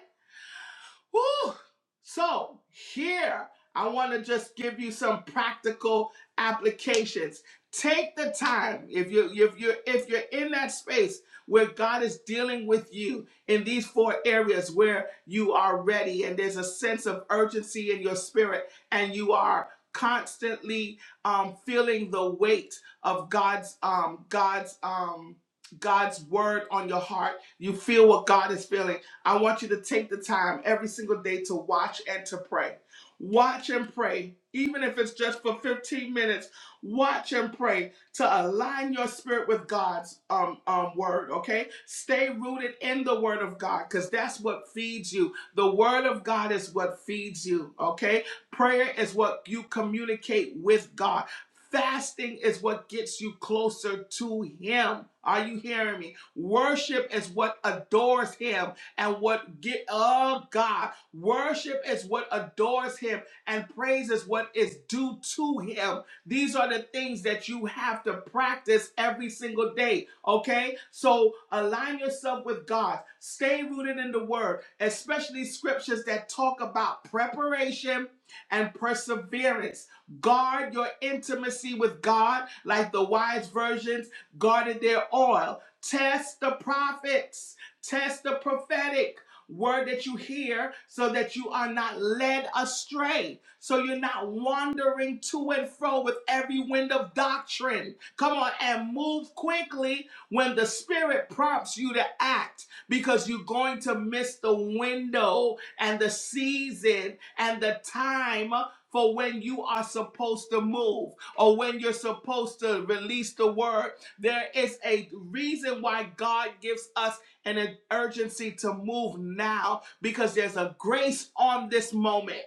S4: Whew. So, here, I want to just give you some practical applications. Take the time if you if you if you're in that space where God is dealing with you in these four areas where you are ready and there's a sense of urgency in your spirit and you are constantly um, feeling the weight of God's um, God's um, God's word on your heart. You feel what God is feeling I want you to take the time every single day to watch and to pray. Watch and pray, even if it's just for 15 minutes. Watch and pray to align your spirit with God's um, um, word, okay? Stay rooted in the word of God because that's what feeds you. The word of God is what feeds you, okay? Prayer is what you communicate with God. Fasting is what gets you closer to Him. Are you hearing me? Worship is what adores Him and what get of God. Worship is what adores him and praise is what is due to him. These are the things that you have to practice every single day. Okay? So align yourself with God. Stay rooted in the word, especially scriptures that talk about preparation and perseverance. Guard your intimacy with God, like the wise virgins guarded their oil. Test the prophets Test the prophetic word that you hear so that you are not led astray, so you're not wandering to and fro with every wind of doctrine. Come on and move quickly when the Spirit prompts you to act because you're going to miss the window and the season and the time. For when you are supposed to move or when you're supposed to release the word, there is a reason why God gives us and an urgency to move now because there's a grace on this moment.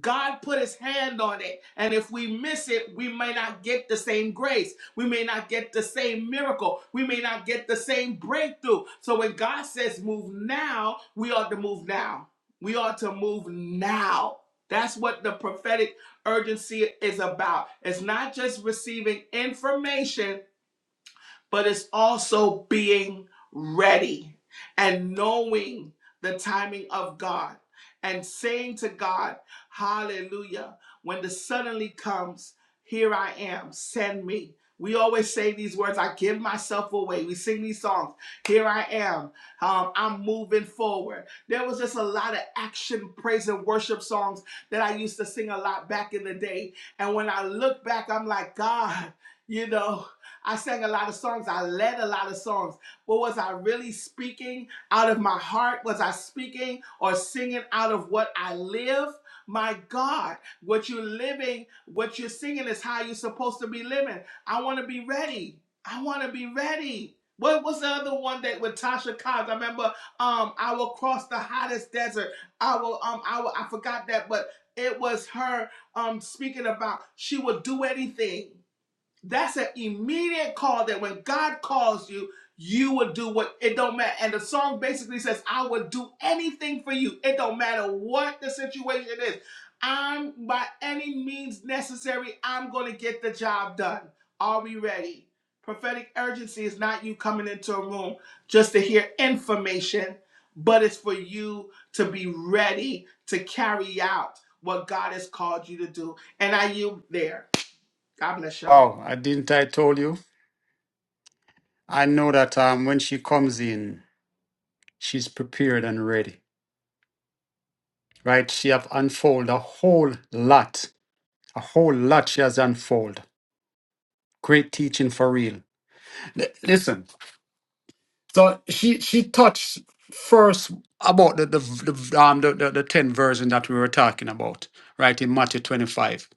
S4: God put his hand on it. And if we miss it, we may not get the same grace. We may not get the same miracle. We may not get the same breakthrough. So when God says move now, we ought to move now. We ought to move now. That's what the prophetic urgency is about. It's not just receiving information, but it's also being ready and knowing the timing of God and saying to God, Hallelujah, when the suddenly comes, here I am, send me. We always say these words, I give myself away. We sing these songs, here I am, um, I'm moving forward. There was just a lot of action, praise, and worship songs that I used to sing a lot back in the day. And when I look back, I'm like, God, you know. I sang a lot of songs. I led a lot of songs. But was I really speaking out of my heart? Was I speaking or singing out of what I live? My God, what you're living, what you're singing is how you're supposed to be living. I want to be ready. I want to be ready. What was the other one that with Tasha Cobbs? I remember um I will cross the hottest desert. I will um I will, I forgot that, but it was her um speaking about she would do anything. That's an immediate call that when God calls you, you will do what it don't matter. And the song basically says, I will do anything for you. It don't matter what the situation is. I'm by any means necessary, I'm gonna get the job done. Are we ready? Prophetic urgency is not you coming into a room just to hear information, but it's for you to be ready to carry out what God has called you to do. And I you there. God bless y'all.
S3: wow, I didn't I told you? I know that um when she comes in, she's prepared and ready. Right? She have unfold a whole lot. A whole lot she has unfold. Great teaching for real. L- listen. So she she touched first about the the, the um the, the the 10 version that we were talking about, right? In Matthew 25.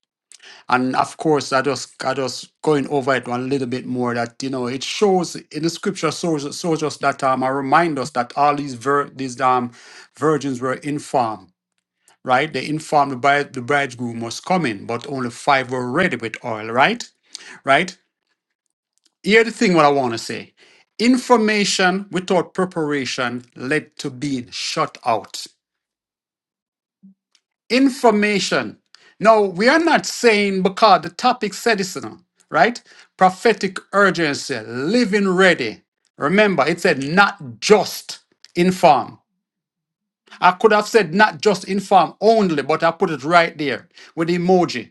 S3: And of course, I just I just going over it one little bit more that you know it shows in the scripture shows shows us that um I remind us that all these vir- these um virgins were informed, right? They informed the bride the bridegroom was coming, but only five were ready with oil, right? Right? Here the thing what I want to say. Information without preparation led to being shut out. information. Now, we are not saying because the topic said this, you know, right? Prophetic urgency, living ready. Remember, it said not just inform. I could have said not just inform only, but I put it right there with emoji.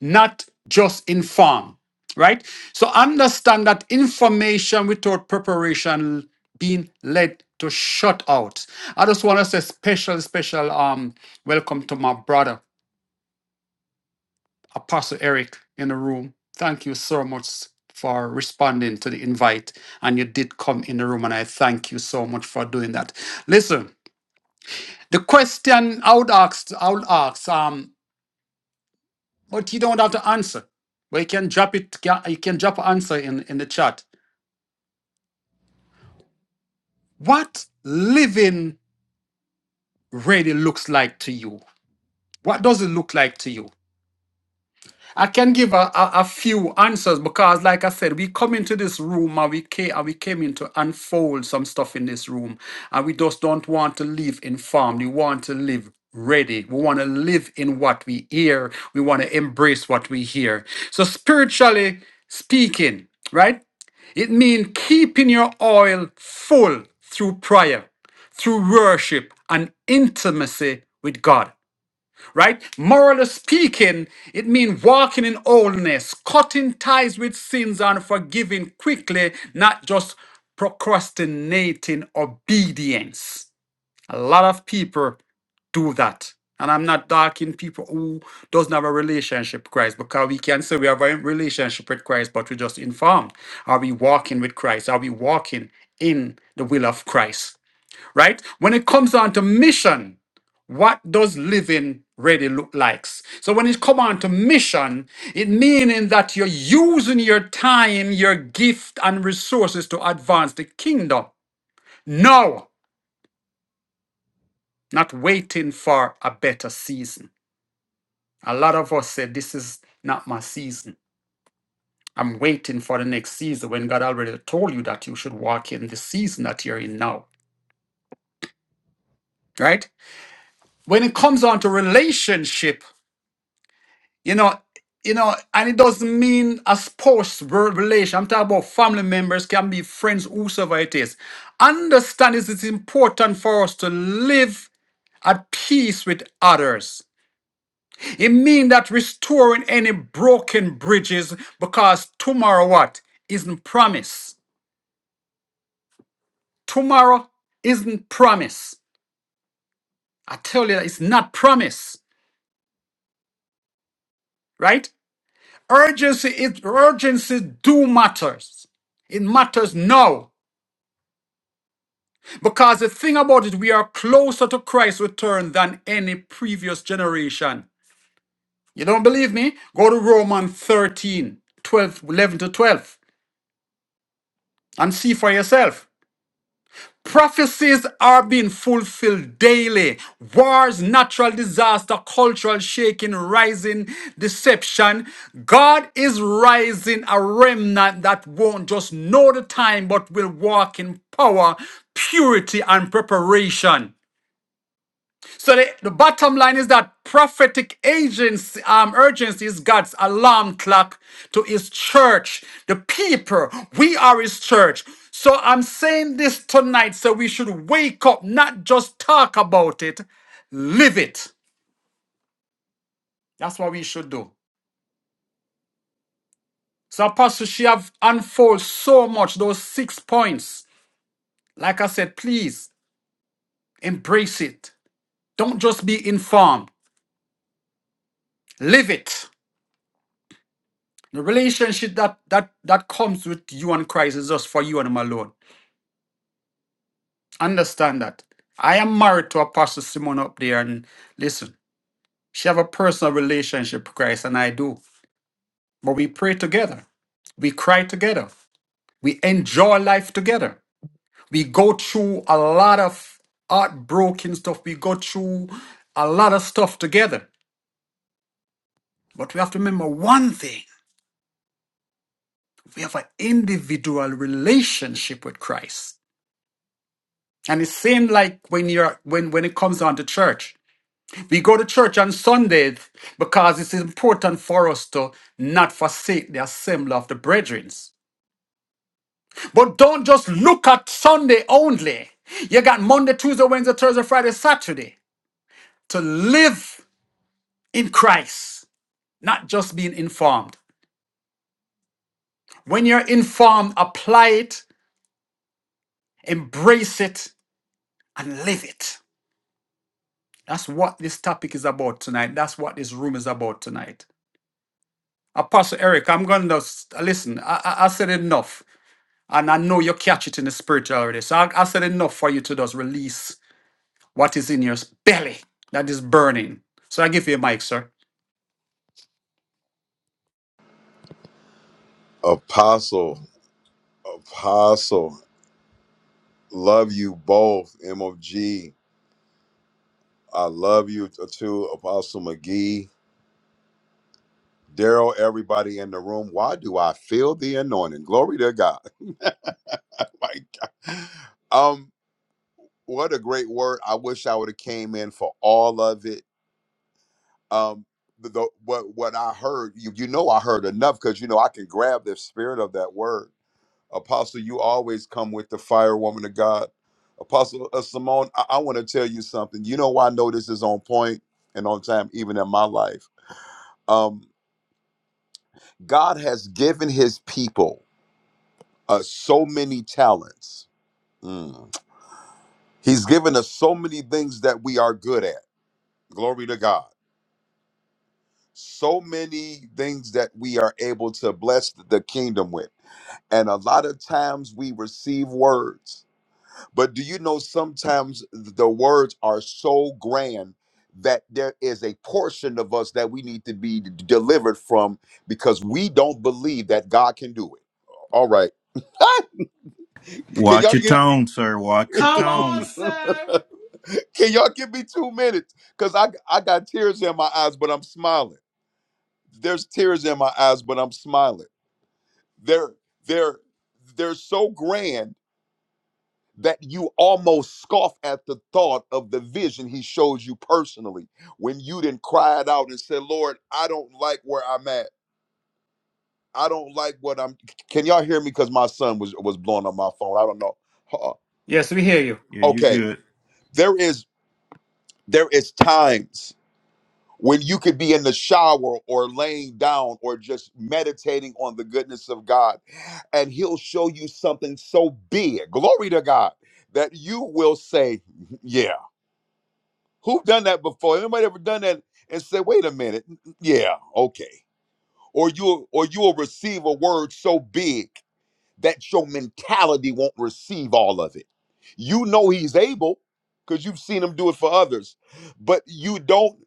S3: Not just inform, right? So understand that information without preparation being led to shut out. I just want to say special, special um welcome to my brother. Apostle Eric in the room. Thank you so much for responding to the invite. And you did come in the room, and I thank you so much for doing that. Listen, the question I would ask, I would ask, um, but you don't have to answer. But you can drop it, you can drop an answer in, in the chat. What living really looks like to you? What does it look like to you? I can give a, a, a few answers because, like I said, we come into this room and we came and we came in to unfold some stuff in this room, and we just don't want to live informed. We want to live ready. We want to live in what we hear. We want to embrace what we hear. So, spiritually speaking, right? It means keeping your oil full through prayer, through worship, and intimacy with God right? Morally speaking, it means walking in wholeness, cutting ties with sins and forgiving quickly, not just procrastinating obedience. A lot of people do that. And I'm not talking people who doesn't have a relationship with Christ because we can say we have a relationship with Christ, but we're just informed. Are we walking with Christ? Are we walking in the will of Christ? Right? When it comes down to mission, what does living ready look like? So when it come on to mission, it meaning that you're using your time, your gift and resources to advance the kingdom. No, not waiting for a better season. A lot of us say this is not my season. I'm waiting for the next season when God already told you that you should walk in the season that you're in now, right? When it comes on to relationship, You know, you know, and it doesn't mean a spouse re- relation. I'm talking about family members, can be friends, whosoever it is. Understand is it's important for us to live at peace with others. It means that restoring any broken bridges because tomorrow what? Isn't promise. Tomorrow isn't promise. I tell you that it's not promise, right? Urgency is urgency do matters. It matters now. Because the thing about it, we are closer to Christ's return than any previous generation. You don't believe me? Go to Romans 13, twelve, eleven to 12, and see for yourself. Prophecies are being fulfilled daily. Wars, natural disaster, cultural shaking, rising deception. God is rising a remnant that won't just know the time but will walk in power, purity, and preparation. So the, the bottom line is that prophetic agency, um, urgency is God's alarm clock to his church. The people, we are his church. So I'm saying this tonight so we should wake up, not just talk about it, live it. That's what we should do. So Apostle, she have unfolded so much, those six points. Like I said, please embrace it. Don't just be informed. Live it. The relationship that that that comes with you and Christ is just for you and him alone. Understand that. I am married to Apostle Simon up there, and listen, she have a personal relationship with Christ, and I do. But we pray together, we cry together, we enjoy life together. We go through a lot of heartbroken stuff. We go through a lot of stuff together. But we have to remember one thing: we have an individual relationship with Christ. And it seemed like when you're when when it comes down to church, we go to church on Sundays because it's important for us to not forsake the assembly of the brethren. But don't just look at Sunday only. You got Monday, Tuesday, Wednesday, Thursday, Friday, Saturday to live in Christ, not just being informed. When you're informed, apply it, embrace it, and live it. That's what this topic is about tonight. That's what this room is about tonight. Apostle Eric, I'm going to listen. I, I, I said enough, and I know you catch it in the spirit already. So I, I said enough for you to just release what is in your belly that is burning. So I give you a mic, sir.
S5: Apostle, Apostle, love you both. MOG, I love you t- too, Apostle McGee. Daryl, everybody in the room. Why do I feel the anointing? Glory to God. [laughs] My God. Um, what a great word. I wish I would have came in for all of it. Um, the, the- what what I heard, you you know I heard enough because you know I can grab the spirit of that word. Apostle, you always come with the fire, woman of God. Apostle uh, Simone, I, I want to tell you something. You know why I know this is on point and on time, even in my life. Um, God has given His people uh, so many talents. Mm. He's given us so many things that we are good at. Glory to God. So many things that we are able to bless the kingdom with. And a lot of times we receive words But do you know sometimes the words are so grand that there is a portion of us that we need to be d- delivered from because we don't believe that God can do it. All right. [laughs] can
S2: Watch
S5: y'all
S2: your
S5: give
S2: tone, sir. Watch your
S4: Come on,
S2: tone.
S5: [laughs]
S4: sir.
S5: can y'all give me 2 minutes cuz I I got tears in my eyes but I'm smiling. There's tears in my eyes but I'm smiling. They're they're they're so grand that you almost scoff at the thought of the vision he showed you personally when you then cried out and said, Lord, I don't like where I'm at. I don't like what I'm. Can y'all hear me? Because my son was was blowing up my phone. I don't know. Huh.
S3: Yes, we hear you.
S2: Yeah, you
S5: Okay,
S2: good.
S5: there is there is times when you could be in the shower or laying down or just meditating on the goodness of God, and He'll show you something so big. Glory to God that you will say, [laughs] "Yeah." Who done that before? Anybody ever done that and said, "Wait a minute, yeah, okay," or you will or you will receive a word so big that your mentality won't receive all of it. You know he's able because you've seen him do it for others, but you don't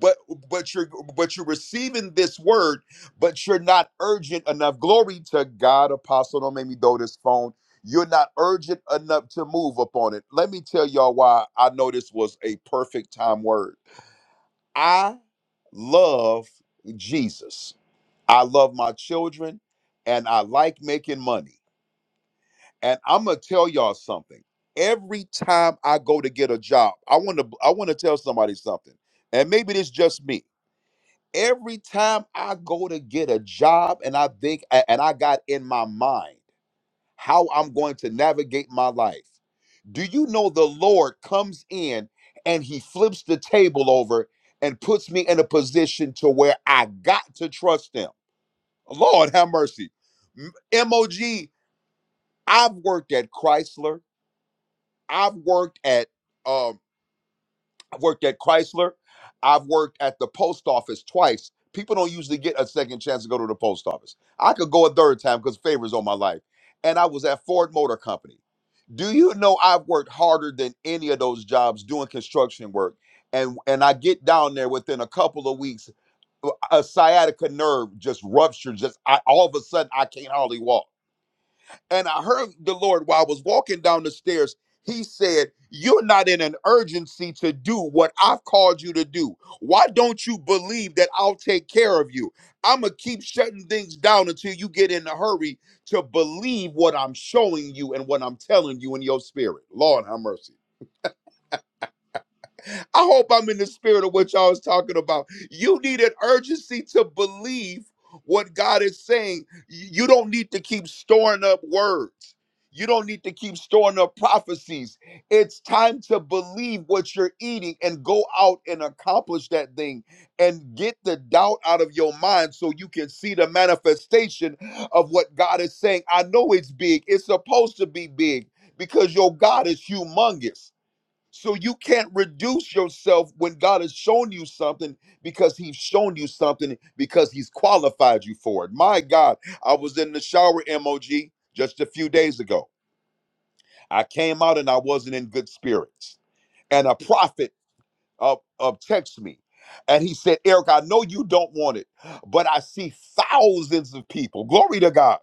S5: but but you're but you're receiving this word, but you're not urgent enough. Glory to God, apostle. Don't make me throw this phone. You're not urgent enough to move upon it. Let me tell y'all why I know this was a perfect time word. I love Jesus. I love my children and I like making money and I'm gonna tell y'all something. Every time I go to get a job, I want to I want to tell somebody something. And maybe it's just me. Every time I go to get a job and I think a- and I got in my mind how I'm going to navigate my life. Do you know the Lord comes in and he flips the table over and puts me in a position to where I got to trust him. Lord have mercy. M- MOG, I've worked at Chrysler. I've worked at um I've worked at Chrysler. I've worked at the post office twice. People don't usually get a second chance to go to the post office. I could go a third time because favors on my life. And I was at Ford Motor Company. Do you know I've worked harder than any of those jobs doing construction work? And and I get down there within a couple of weeks, uh, a sciatica nerve just ruptured. Just I, all of a sudden I can't hardly walk and I heard the Lord while I was walking down the stairs. He said, You're not in an urgency to do what I've called you to do. Why don't you believe that I'll take care of you? I'm going to keep shutting things down until you get in a hurry to believe what I'm showing you and what I'm telling you in your spirit. Lord, have mercy. I hope I'm in the spirit of what y'all was talking about. You need an urgency to believe what God is saying. You don't need to keep storing up words. You don't need to keep storing up prophecies. It's time to believe what you're eating and go out and accomplish that thing and get the doubt out of your mind so you can see the manifestation of what God is saying. I know it's big, it's supposed to be big because your God is humongous so you can't reduce yourself when God has shown you something because he's shown you something because he's qualified you for it. My God, I was in the shower MOG just a few days ago. I came out and I wasn't in good spirits. And a prophet of, of text me and he said, Eric, I know you don't want it, but I see thousands of people. Glory to God.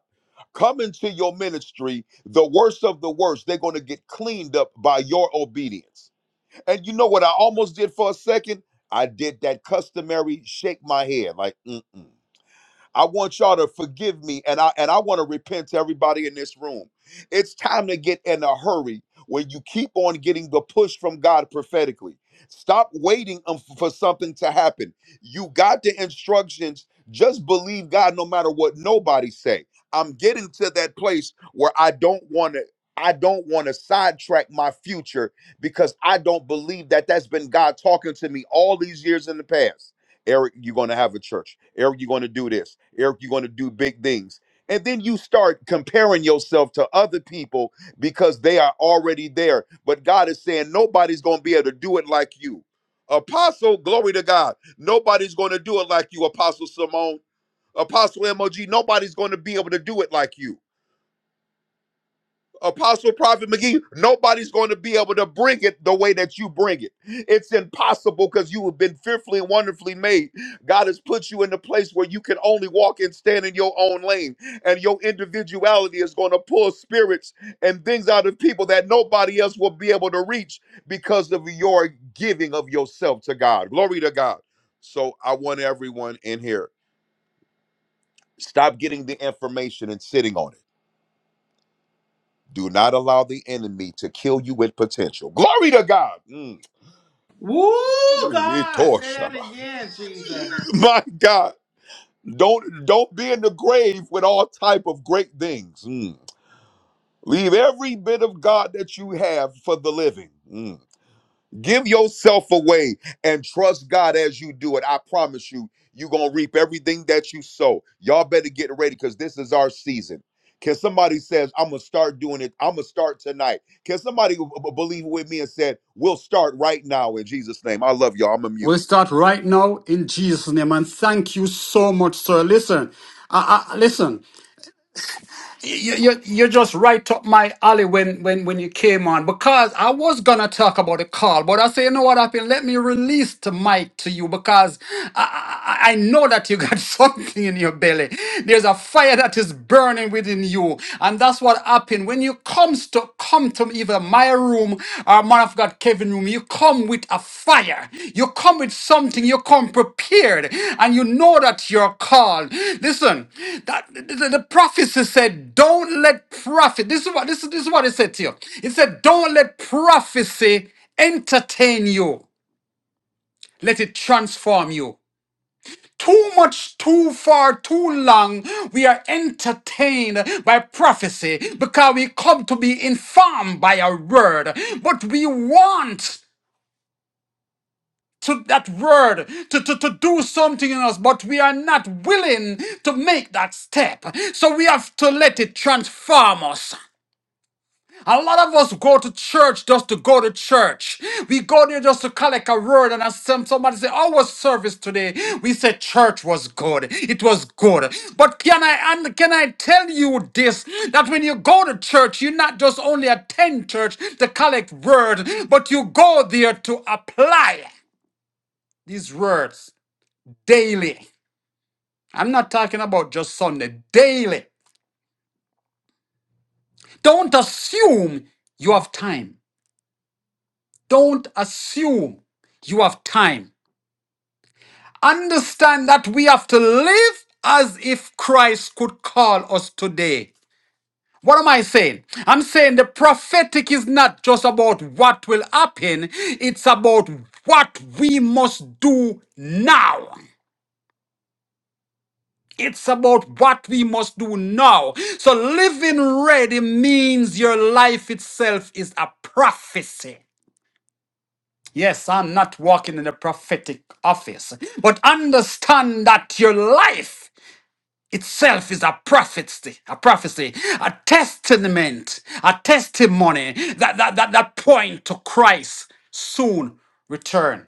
S5: Come into your ministry, the worst of the worst, they're going to get cleaned up by your obedience. And you know what I almost did for a second? I did that customary shake my head, like, mm-mm. I want y'all to forgive me and I and I want to repent to everybody in this room. It's time to get in a hurry when you keep on getting the push from God prophetically. Stop waiting um, for something to happen. You got the instructions. Just believe God no matter what nobody say. I'm getting to that place where I don't want to I don't want to sidetrack my future because I don't believe that that's been God talking to me all these years in the past. Eric, you're going to have a church. Eric, you're going to do this. Eric, you're going to do big things. And then you start comparing yourself to other people because they are already there. But God is saying nobody's going to be able to do it like you. Apostle, glory to God. Nobody's going to do it like you, Apostle Simone. Apostle MOG, nobody's going to be able to do it like you. Apostle Prophet McGee, nobody's going to be able to bring it the way that you bring it. It's impossible because you have been fearfully and wonderfully made. God has put you in a place where you can only walk and stand in your own lane, and your individuality is going to pull spirits and things out of people that nobody else will be able to reach because of your giving of yourself to God. Glory to God. So I want everyone in here stop getting the information and sitting on it Do not allow the enemy to kill you with potential. Glory to God. Mm.
S4: Woo,
S5: [laughs]
S4: God. Say that again, Jesus.
S5: My God. Don't don't be in the grave with all type of great things. Mm. Leave every bit of God that you have for the living. Mm. Give yourself away and trust God as you do it. I promise you, you're going to reap everything that you sow. Y'all better get ready because this is our season. Can somebody says, I'm going to start doing it. I'm going to start tonight. Can somebody b- b- believe with me and said, we'll start right now in Jesus' name. I love y'all. I'm a mute.
S3: We'll start right now in Jesus' name, and thank you so much, sir. Listen, I, I, listen. you, you, you're just right up my alley when, when, when you came on because I was gonna talk about the call, but I say, you know what happened? Let me release the mic to you because I, I, I know that you got [laughs] something in your belly. There's a fire that is burning within you, and that's what happened when you comes to come to me my room or man of God Kevin room, you come with a fire. You come with something. You come prepared, and you know that you're called. Listen, that the, the the prophecy said, "Don't let prophet." This is what this is. This is what it said to you. It said, "Don't let prophecy entertain you. Let it transform you." too much, too far, too long, we are entertained by prophecy because we come to be informed by a word. But we want to that word to, to, to do something in us, but we are not willing to make that step. So we have to let it transform us. A lot of us go to church just to go to church. We go there just to collect a word and as some somebody say, "Our service today." We said church was good. It was good. But can I and can I tell you this? That when you go to church, you not just only attend church to collect word, but you go there to apply these words daily. I'm not talking about just Sunday. Daily. Don't assume you have time. Don't assume you have time. Understand that we have to live as if Christ could call us today. What am I saying? I'm saying the prophetic is not just about what will happen, it's about what we must do now. It's about what we must do now. So living ready means your life itself is a prophecy. Yes, I'm not walking in the prophetic office, but understand that your life itself is a prophecy, a prophecy, a testament, a testimony that, that, that, that point to Christ soon return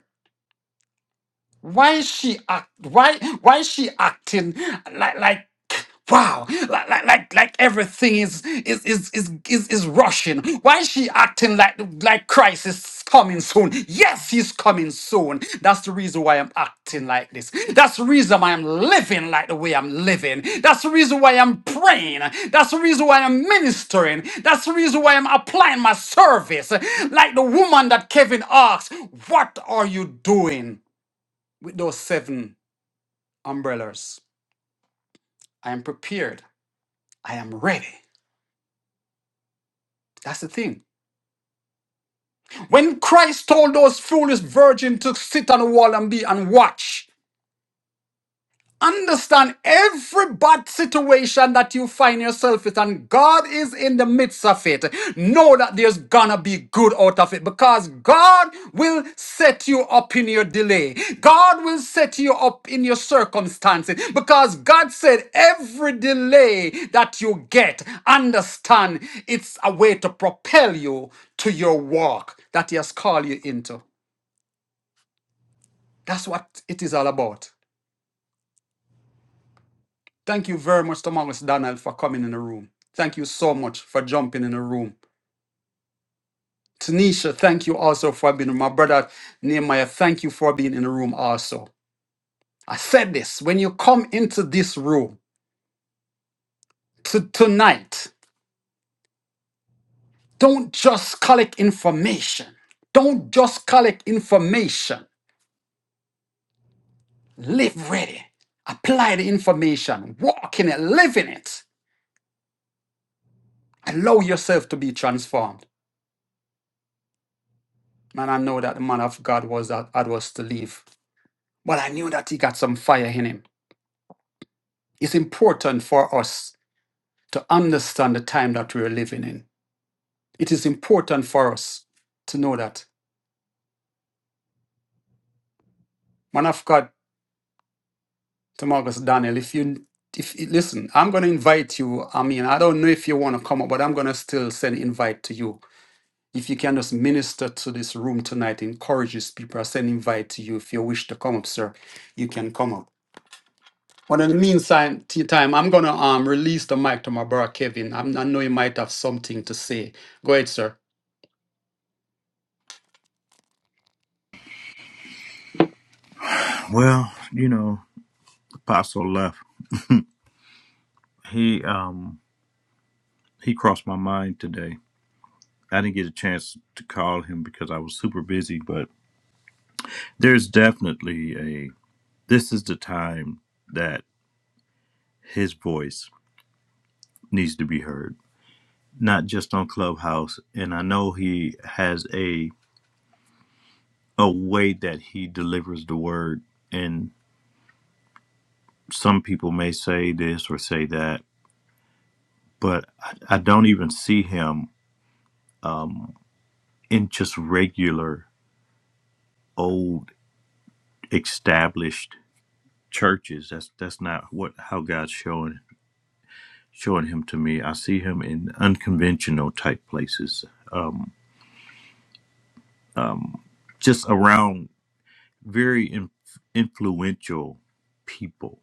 S3: why is she act why why is she acting like like wow like like like, like everything is is, is is is is rushing why is she acting like like christ is coming soon yes he's coming soon that's the reason why i'm acting like this that's the reason why i'm living like the way i'm living that's the reason why i'm praying that's the reason why i'm ministering that's the reason why i'm applying my service like the woman that kevin asked what are you doing with those seven umbrellas. I am prepared. I am ready. That's the thing. When Christ told those foolish virgins to sit on the wall and be and watch, Understand every bad situation that you find yourself in, and God is in the midst of it. Know that there's gonna be good out of it because God will set you up in your delay. God will set you up in your circumstances because God said every delay that you get, understand it's a way to propel you to your walk that He has called you into. That's what it is all about. Thank you very much to Thomas Donald for coming in the room. Thank you so much for jumping in the room. Tanisha, thank you also for being my brother Nehemiah. Thank you for being in the room also. I said this when you come into this room to tonight, don't just collect information. Don't just collect information. Live ready. Apply the information. Walk in it. Live in it. Allow yourself to be transformed. Man, I know that the man of God was that I was to leave. but I knew that he got some fire in him. It's important for us to understand the time that we're living in. It is important for us to know that. Man of God, Tomagus Daniel, if you if listen, I'm gonna invite you. I mean, I don't know if you wanna come up, but I'm gonna still send invite to you. If you can just minister to this room tonight, encourages people. I send invite to you. If you wish to come up, sir, you can come up. But in the meantime, t- time, I'm gonna um release the mic to my brother Kevin. I'm, I know you might have something to say. Go ahead, sir.
S2: Well, you know, the Apostle left. He um he crossed my mind today. I didn't get a chance to call him because I was super busy, but there's definitely a this is the time that his voice needs to be heard, not just on Clubhouse. And I know he has a a way that he delivers the word, and some people may say this or say that, but I, I don't even see him um, in just regular old established churches. That's that's not what how God's showing showing him to me. I see him in unconventional type places, um, um, just around very in, influential people,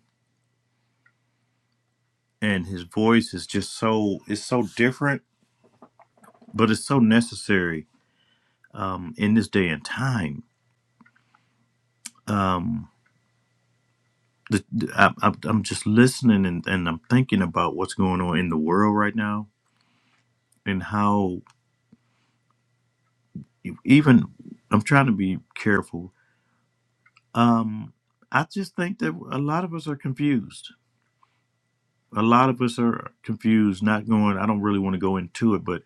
S2: and his voice is just so it's so different, but it's so necessary um, in this day and time. Um, the, I, I'm I'm just listening and, and I'm thinking about what's going on in the world right now and how e-, even I'm trying to be careful Um, I just think that a lot of us are confused. A lot of us are confused, not going, I don't really want to go into it, but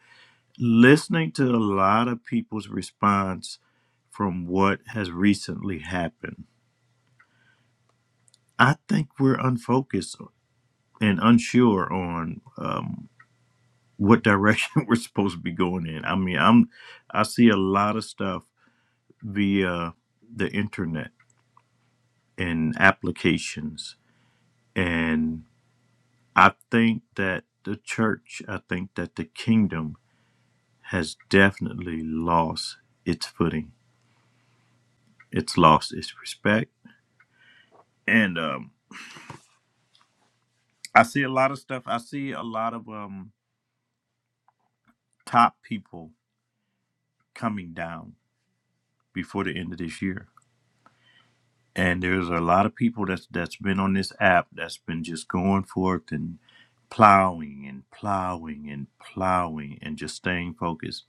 S2: listening to a lot of people's response from what has recently happened, I think we're unfocused and unsure on um, what direction [laughs] we're supposed to be going in. I mean, I'm, I see a lot of stuff via the internet and applications I think that the church, I think that the kingdom has definitely lost its footing. It's lost its respect. And um, I see a lot of stuff. I see a lot of um, top people coming down before the end of this year. And there's a lot of people that's that's been on this app that's been just going forth and plowing and plowing and plowing and just staying focused.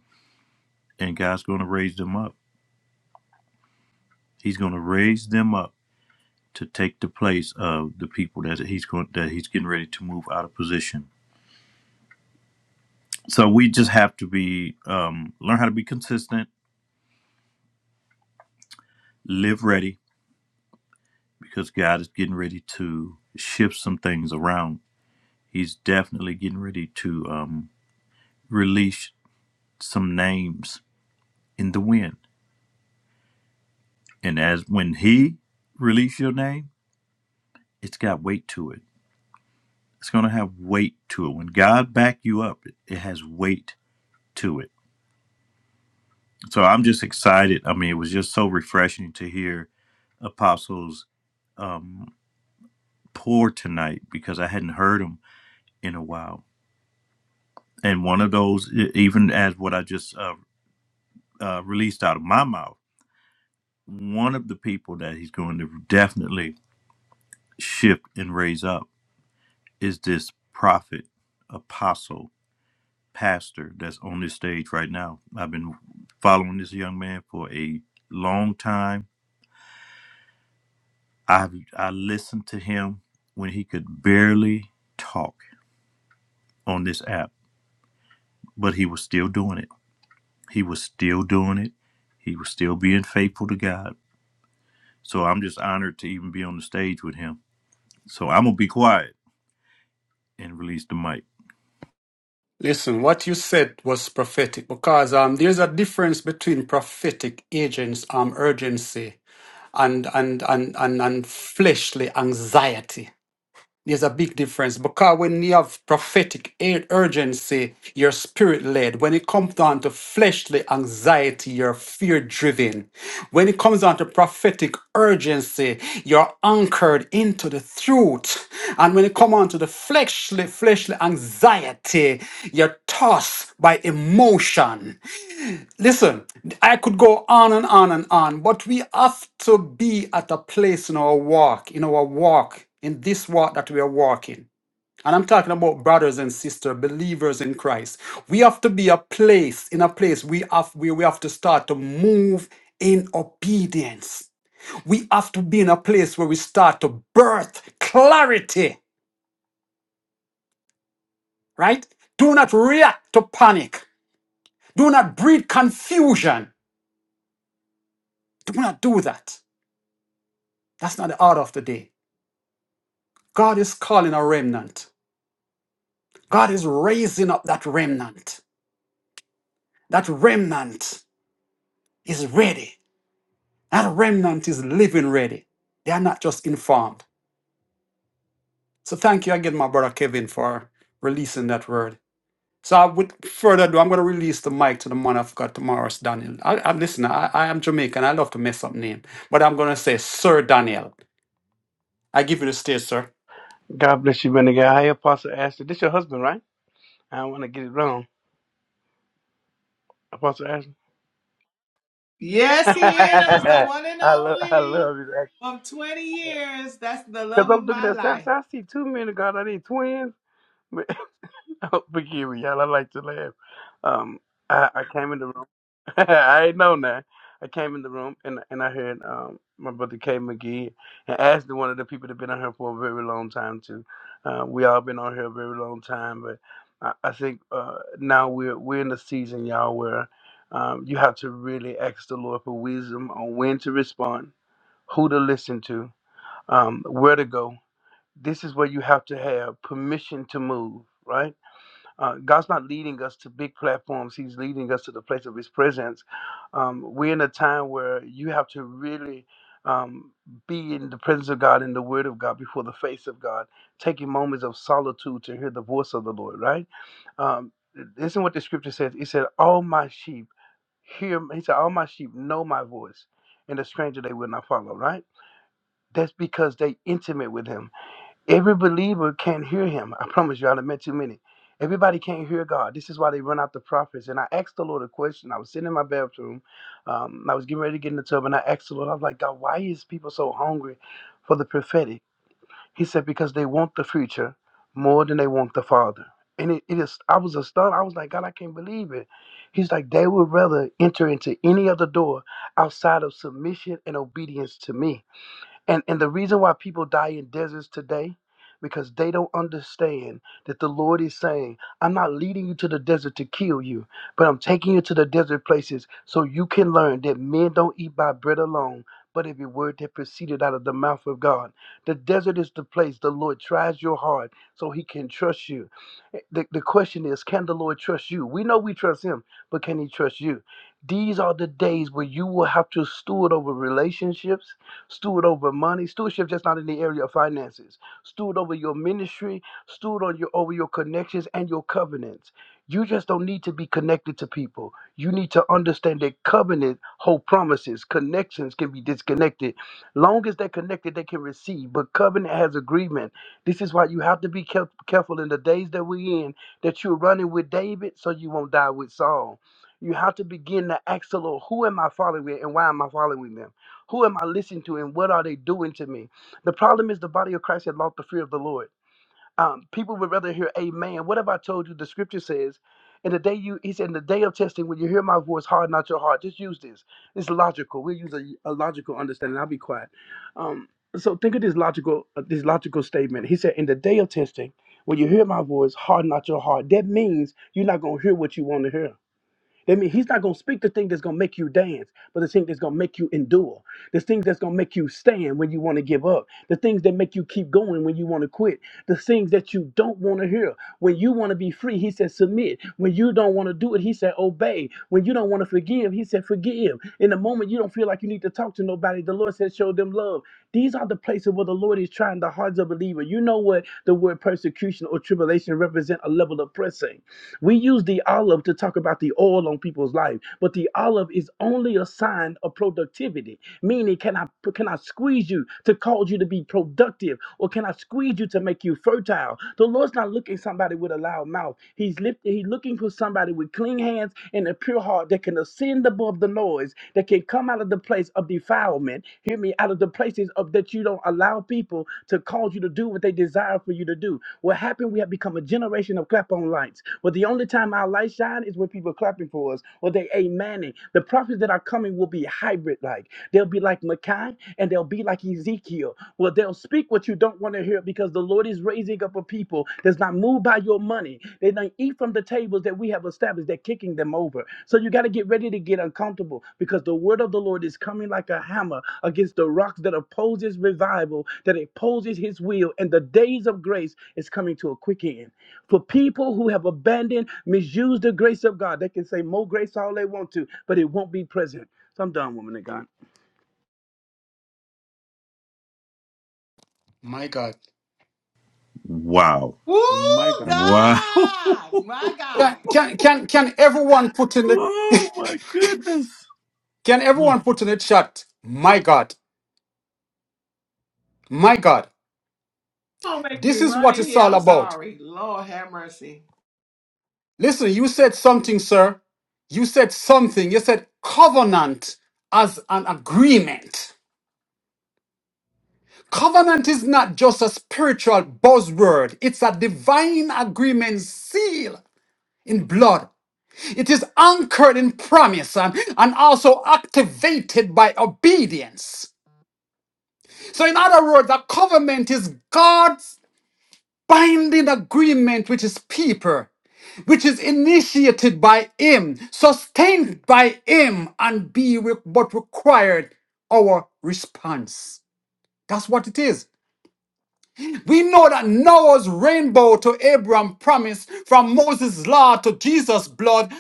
S2: And God's going to raise them up. He's going to raise them up to take the place of the people that he's going that he's getting ready to move out of position. So we just have to be um, learn how to be consistent, live ready because God is getting ready to shift some things around. He's definitely getting ready to um, release some names in the wind, and as when He release your name, it's got weight to it. It's going to have weight to it. When God back you up, it has weight to it So I'm just excited. I mean, it was just so refreshing to hear Apostles um, pour tonight because I hadn't heard him in a while. And one of those, e- even as what I just uh, uh, released out of my mouth, one of the people that he's going to definitely shift and raise up is this prophet, apostle, pastor that's on this stage right now. I've been following this young man for a long time I I listened to him when he could barely talk on this app, but he was still doing it. He was still doing it. He was still being faithful to God. So I'm just honored to even be on the stage with him. So I'm gonna be quiet and release the mic.
S3: Listen, what you said was prophetic because um, there's a difference between prophetic agents, um, urgency, and and and and, and fleshly anxiety. There's a big difference because when you have prophetic ur- urgency, you're spirit led. When it comes down to fleshly anxiety, you're fear driven. When it comes down to prophetic urgency, you're anchored into the truth. And when it comes on to the fleshly, fleshly anxiety, you're tossed by emotion. Listen, I could go on and on and on, but we have to be at a place in our walk, in our walk, in this walk that we are walking. And I'm talking about brothers and sisters, believers in Christ. We have to be a place, in a place we have where we have to start to move in obedience. We have to be in a place where we start to birth clarity, right? Do not react to panic. Do not breed confusion. Do not do that. That's not the order of the day. God is calling a remnant. God is raising up that remnant. That remnant is ready. That remnant is living ready. They are not just informed. So thank you again, my brother Kevin, for releasing that word. So I would further ado, I'm going to release the mic to the man of God tomorrow, it's Daniel. I, I, listen, I, I am Jamaican. I love to mess up name, but I'm going to say Sir Daniel. I give you the stage, sir.
S6: God bless you, man. of God. Hey, Apostle Ashton. This your husband, right? I don't want to get it wrong. Apostle Ashton. [laughs]
S4: Yes, he is the
S6: I
S4: one and
S6: love, I
S4: only
S6: love you,
S4: from 20 years. That's the
S6: Because
S4: love
S6: I'm
S4: of
S6: looking
S4: my
S6: at stats.
S4: life.
S6: I see two men of God. Are they twins? [laughs] But, forgive me, y'all. I like to laugh. Um, I, I came in the room. [laughs] I ain't know now. I came in the room and and I heard um my brother K McGee and asked one of the people that been on here for a very long time too. Uh, we all been on here a very long time, but I, I think uh, now we're we're in the season, y'all, where um, you have to really ask the Lord for wisdom on when to respond, who to listen to, um, where to go. This is where you have to have permission to move, right? Uh, God's not leading us to big platforms. He's leading us to the place of His presence. Um, we're in a time where you have to really um, be in the presence of God, in the Word of God, before the face of God, taking moments of solitude to hear the voice of the Lord, right? Um, isn't what the scripture says? It said, All my sheep hear, m-" He said, All my sheep know my voice, and a stranger they will not follow, right? That's because they intimate with Him Every believer can't hear him. I promise you, I've met too many. Everybody can't hear God. This is why they run out the prophets. And I asked the Lord a question. I was sitting in my bathroom. Um, I was getting ready to get in the tub, and I asked the Lord, I was like, God, why is people so hungry for the prophetic? He said, because they want the future more than they want the Father. And it, it is, I was astounded. I was like, God, I can't believe it. He's like, they would rather enter into any other door outside of submission and obedience to me. And and the reason why people die in deserts today, because they don't understand that the Lord is saying, I'm not leading you to the desert to kill you, but I'm taking you to the desert places so you can learn that men don't eat by bread alone. But every word that proceeded out of the mouth of God. The desert is the place the Lord tries your heart so he can trust you. Eh, The, the question is can the Lord trust you? We know we trust him, but can he trust you? These are the days where you will have to steward over relationships steward over money. Stewardship just not in the area of finances. Steward over your ministry, steward on your over your connections and your covenants. You just don't need to be connected to people. You need to understand that covenant hold promises. Connections can be disconnected. Long as they're connected, they can receive. But covenant has agreement. This is why you have to be care- careful in the days that we're in that you're running with David so you won't die with Saul. You have to begin to ask the Lord, who am I following and why am I following them? Who am I listening to and what are they doing to me? The problem is the body of Christ had lost the fear of the Lord. Um, people would rather hear amen. What have I told you? The scripture says, in the day you, he said, in the day of testing, when you hear my voice, harden not your heart. Just use this. It's logical. We'll use a, a logical understanding. I'll be quiet. Um, so think of this logical, uh, this logical statement. He said, in the day of testing, when you hear my voice, harden not your heart. That means you're not going to hear what you want to hear. That means he's not gonna speak the thing that's gonna make you dance, but the thing that's gonna make you endure, the things that's gonna make you stand when you want to give up, the things that make you keep going when you want to quit, the things that you don't want to hear. When you want to be free, he said submit. When you don't want to do it, he said obey. When you don't want to forgive, he said forgive. In the moment you don't feel like you need to talk to nobody, the Lord said show them love. These are the places where the Lord is trying the hearts of believer. You know what the word persecution or tribulation represent a level of pressing. We use the olive to talk about the oil on people's life, but the olive is only a sign of productivity. Meaning, can I can I squeeze you to cause you to be productive, or can I squeeze you to make you fertile? The Lord's not looking somebody with a loud mouth. He's lift, He's looking for somebody with clean hands and a pure heart that can ascend above the noise, that can come out of the place of defilement. Hear me, out of the places of that you don't allow people to cause you to do what they desire for you to do. What happened? We have become a generation of clapbacks on lights. Well, the only time our light shine is when people are clapping for us or they amening. The prophets that are coming will be hybrid like. They'll be like Micah and they'll be like Ezekiel. Well, they'll speak what you don't want to hear because the Lord is raising up a people that's not moved by your money. They don't eat from the tables that we have established. They're kicking them over. So you got to get ready to get uncomfortable because the word of the Lord is coming like a hammer against the rocks that opposes revival, that opposes his will, and the days of grace is coming to a quick end. For people who have abandoned, misused the grace of God, they can say more grace all they want to, but it won't be present. So I'm done, woman of God.
S3: My God.
S2: Wow.
S4: Woo,
S3: My God.
S2: Wow. [laughs]
S4: God. My God.
S3: Can, can, can, can everyone put in the
S2: oh my goodness.
S3: Can
S2: Mm.
S3: everyone put in a chat? My God, my God,
S4: Don't make me
S3: this is
S4: run
S3: what
S4: in
S3: it's
S4: here.
S3: all
S4: I'm
S3: about.
S4: sorry. Lord have mercy.
S3: Listen, you said something, sir. You said something. You said covenant as an agreement. Covenant is not just a spiritual buzzword, it's a divine agreement seal in blood. It is anchored in promise and, and also activated by obedience. So, in other words, a covenant is God's binding agreement with his people, which is initiated by him, sustained by him, and be re- what required our response. That's what it is. We know that Noah's rainbow to Abraham promise, from Moses' law to Jesus' blood,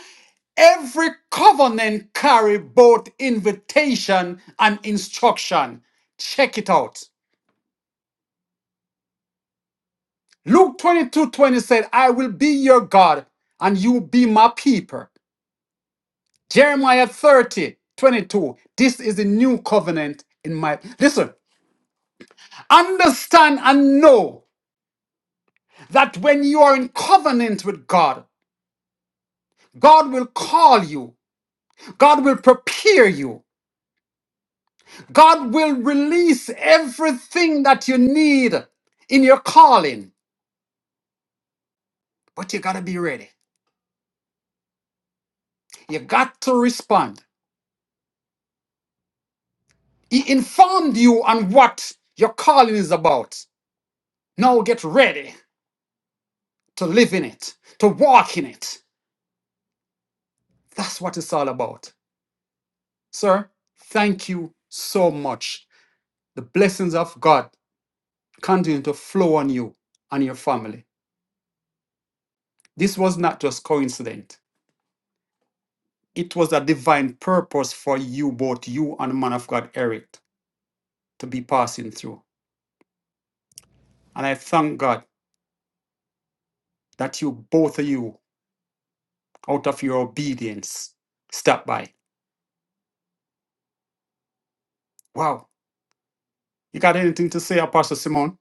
S3: every covenant carry both invitation and instruction. Check it out. Luke twenty two twenty said, I will be your God and you will be my people. Jeremiah 30 22. This is the new covenant in my. Listen, understand and know that when you are in covenant with God, God will call you, God will prepare you, God will release everything that you need in your calling. But you got to be ready, you got to respond. He informed you on what your calling is about. Now get ready to live in it, to walk in it. That's what it's all about. Sir, thank you so much. The blessings of God continue to flow on you and your family. This was not just coincident. It was a divine purpose for you, both you and the man of God, Eric, to be passing through. And I thank God that you, both of you, out of your obedience, stop by. Wow. You got anything to say, Apostle Simon?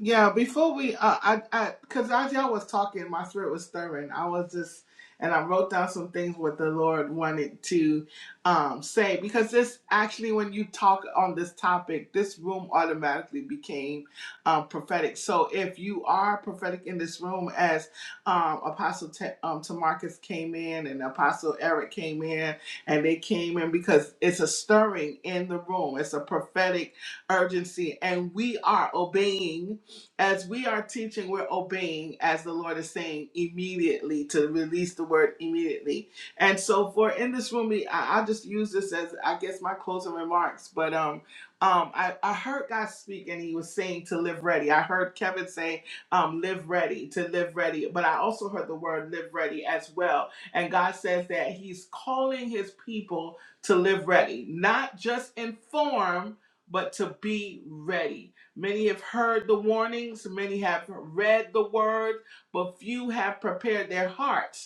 S4: Yeah, before we, uh, I, I, because as y'all was talking, my spirit was stirring. I was just, and I wrote down some things what the Lord wanted to um, say because this actually, when you talk on this topic, this room automatically became um, prophetic. So if you are prophetic in this room, as um, Apostle T- um, Tamarcus came in and Apostle Eric came in, and they came in because it's a stirring in the room. It's a prophetic urgency, and we are obeying as we are teaching, we're obeying as the Lord is saying immediately to release the word immediately. And so for in this room, we- I, I'll just use this as I guess my closing remarks. But um um I, I heard God speak and he was saying to live ready. I heard Kevin say um live ready, to live ready. But I also heard the word live ready as well. And God says that he's calling his people to live ready, not just inform, but to be ready Many have heard the warnings, many have read the word, but few have prepared their hearts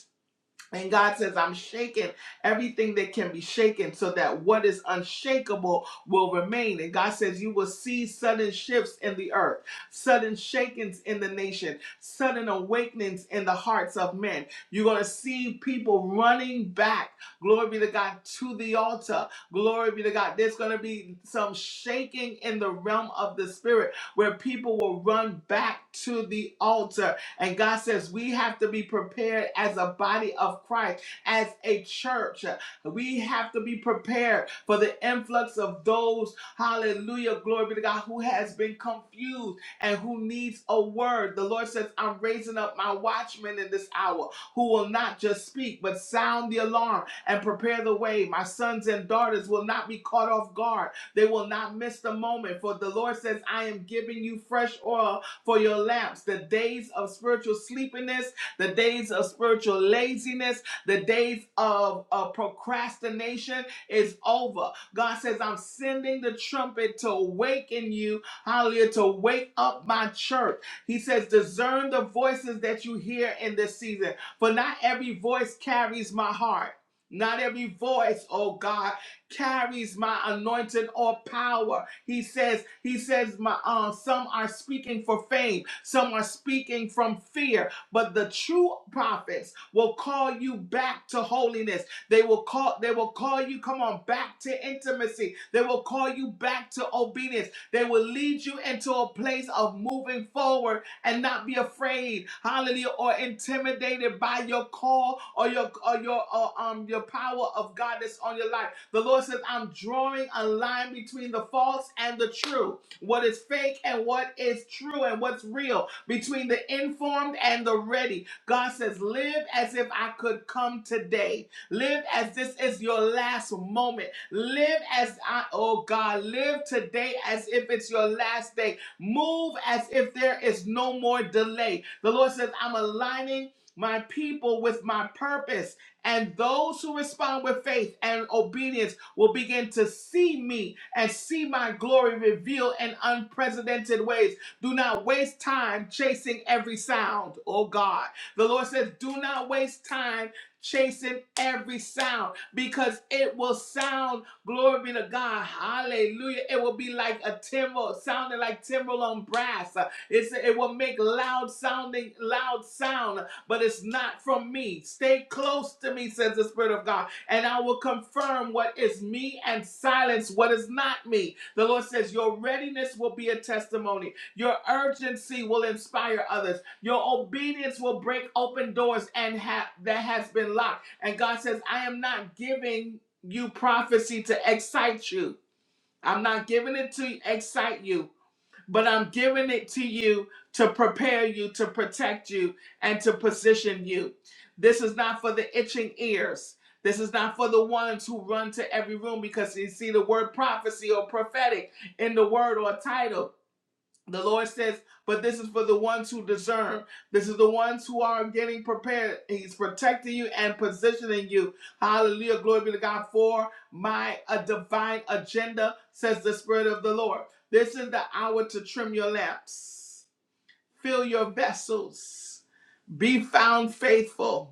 S4: and God says, I'm shaking everything that can be shaken so that what is unshakable will remain. And God says, You will see sudden shifts in the earth, sudden shakings in the nation, sudden awakenings in the hearts of men. You're going to see people running back, glory be to God, to the altar. Glory be to God. There's going to be some shaking in the realm of the spirit where people will run back to the altar and God says we have to be prepared as a body of Christ, as a church. We have to be prepared for the influx of those, hallelujah, glory be to God, who has been confused and who needs a word. The Lord says, I'm raising up my watchmen in this hour who will not just speak, but sound the alarm and prepare the way. My sons and daughters will not be caught off guard. They will not miss the moment, for the Lord says, I am giving you fresh oil for your lamps, the days of spiritual sleepiness, the days of spiritual laziness, the days of uh, procrastination is over. God says, I'm sending the trumpet to awaken you, hallelujah, to wake up my church. He says, discern the voices that you hear in this season, for not every voice carries my heart. Not every voice, oh God carries my anointing or power. He says, He says, my uh, some are speaking for fame, some are speaking from fear, but the true prophets will call you back to holiness. They will call, they will call you, come on, back to intimacy. They will call you back to obedience. They will lead you into a place of moving forward and not be afraid, hallelujah, or intimidated by your call or your or your or, um your power of God that's on your life. The Lord says, I'm drawing a line between the false and the true, what is fake and what is true and what's real, between the informed and the ready. God says, live as if I could come today. Live as this is your last moment. Live as I, oh God, live today as if it's your last day Move as if there is no more delay. The Lord says, I'm aligning my people with my purpose, and those who respond with faith and obedience will begin to see me and see my glory revealed in unprecedented ways. Do not waste time chasing every sound, oh God. The Lord says, Do not waste time chasing every sound because it will sound Glory be to God. Hallelujah. It will be like a timbrel, sounding like timbrel on brass. Uh, It's, it will make loud sounding, loud sound, but it's not from me. Stay close to me, says the Spirit of God, and I will confirm what is me and silence what is not me. The Lord says, Your readiness will be a testimony. Your urgency will inspire others. Your obedience will break open doors and ha- that has been locked. And God says, I am not giving you prophecy to excite you. I'm not giving it to excite you, but I'm giving it to you to prepare you, to protect you, and to position you. This is not for the itching ears. This is not for the ones who run to every room because they see the word prophecy or prophetic in the word or title. The Lord says, but this is for the ones who discern. This is the ones who are getting prepared. He's protecting you and positioning you. Hallelujah. Glory be to God for my a divine agenda, says the Spirit of the Lord. This is the hour to trim your lamps, fill your vessels, be found faithful.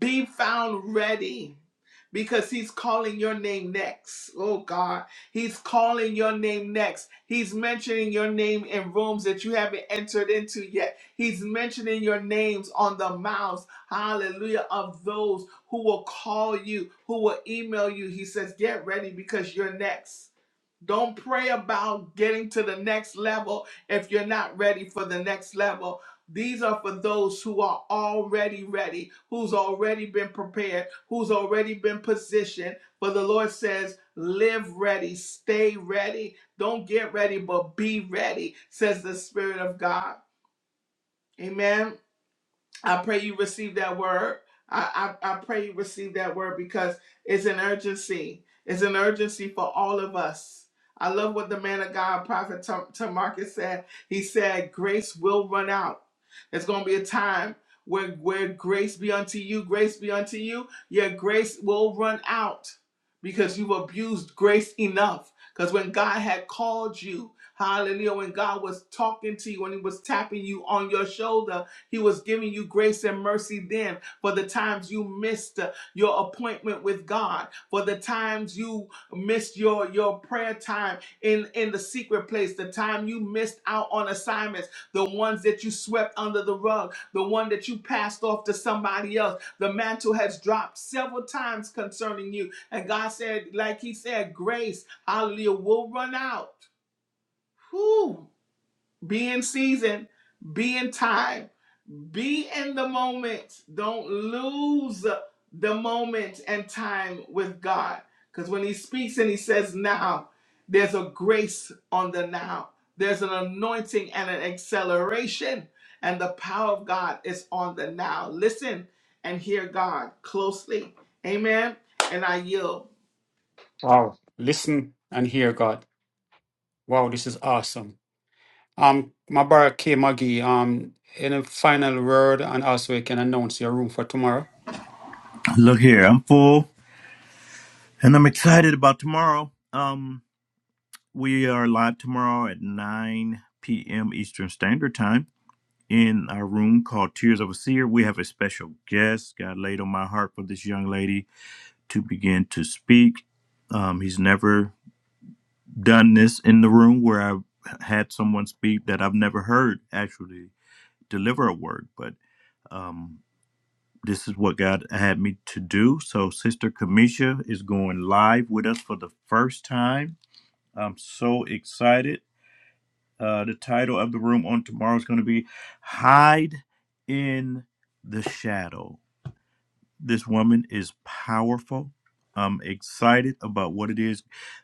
S4: Be found ready because he's calling your name next. Oh God, he's calling your name next. He's mentioning your name in rooms that you haven't entered into yet. He's mentioning your names on the mouths, hallelujah, of those who will call you, who will email you. He says, Get ready because you're next. Don't pray about getting to the next level if you're not ready for the next level. These are for those who are already ready, who's already been prepared, who's already been positioned. But the Lord says, live ready, stay ready. Don't get ready, but be ready, says the Spirit of God. Amen. I pray you receive that word. I, I, I pray you receive that word because it's an urgency. It's an urgency for all of us. I love what the man of God, Prophet Tam- Tamarcus, said. He said, Grace will run out. There's going to be a time where, where grace be unto you, grace be unto you. Your grace will run out because you've abused grace enough. Because when God had called you, hallelujah, when God was talking to you, when He was tapping you on your shoulder, he was giving you grace and mercy then for the times you missed uh, your appointment with God, for the times you missed your, your prayer time in, in the secret place, the time you missed out on assignments, the ones that you swept under the rug, the one that you passed off to somebody else. The mantle has dropped several times concerning you. And God said, like He said, grace, hallelujah, will run out. Whew. Be in season, be in time. Be in the moment. Don't lose the moment and time with God. Because when He speaks and He says now, there's a grace on the now, there's an anointing and an acceleration, and the power of God is on the now. Listen and hear God closely. Amen. And I yield.
S3: Wow. Listen and hear God. Wow, this is awesome. Um, Mubarak K. Magee, um, any final word, and also you can announce your room for tomorrow.
S2: Look here, I'm full and I'm excited about tomorrow. Um we are live tomorrow at 9 p.m. Eastern Standard Time in our room called Tears of a Seer. We have a special guest. God laid on my heart for this young lady to begin to speak. Um, he's never done this in the room where I've had someone speak that I've never heard actually deliver a word, but um, this is what God had me to do. So, Sister Kamisha is going live with us for the first time. I'm so excited. Uh, the title of the room on tomorrow is going to be Hide in the Shadow This woman is powerful. I'm excited about what it is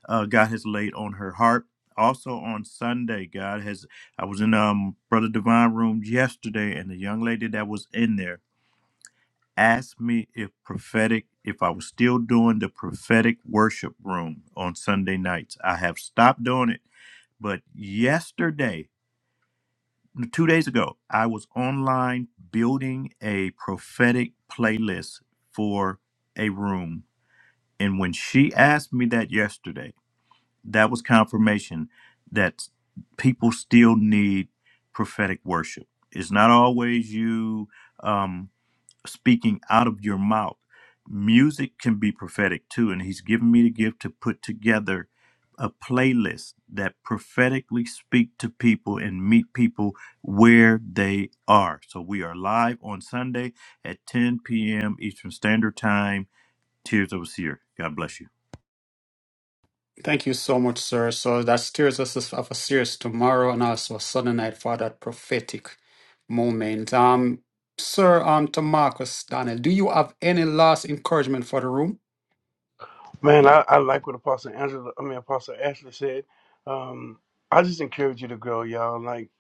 S2: uh, God has laid on her heart. Also on Sunday, God has. I was in um Brother Divine room yesterday, and the young lady that was in there asked me if prophetic, if I was still doing the prophetic worship room on Sunday nights. I have stopped doing it. But yesterday, no, two days ago, I was online building a prophetic playlist for a room and when she asked me that yesterday, that was confirmation that people still need prophetic worship. It's not always you um, speaking out of your mouth. Music can be prophetic too. And he's given me the gift to put together a playlist that prophetically speak to people and meet people where they are. So we are live on Sunday at 10 p.m. Eastern Standard Time. Tears of a Seer. God bless you.
S3: Thank you so much, sir. So that steers us of a series tomorrow and also a Sunday night for that prophetic moment. Um, sir, um, to Marcus Daniel, do you have any last encouragement for the room?
S6: Man, I, I like what Apostle Angela, I mean Apostle Ashley said. Um, I just encourage you to grow, y'all. Like,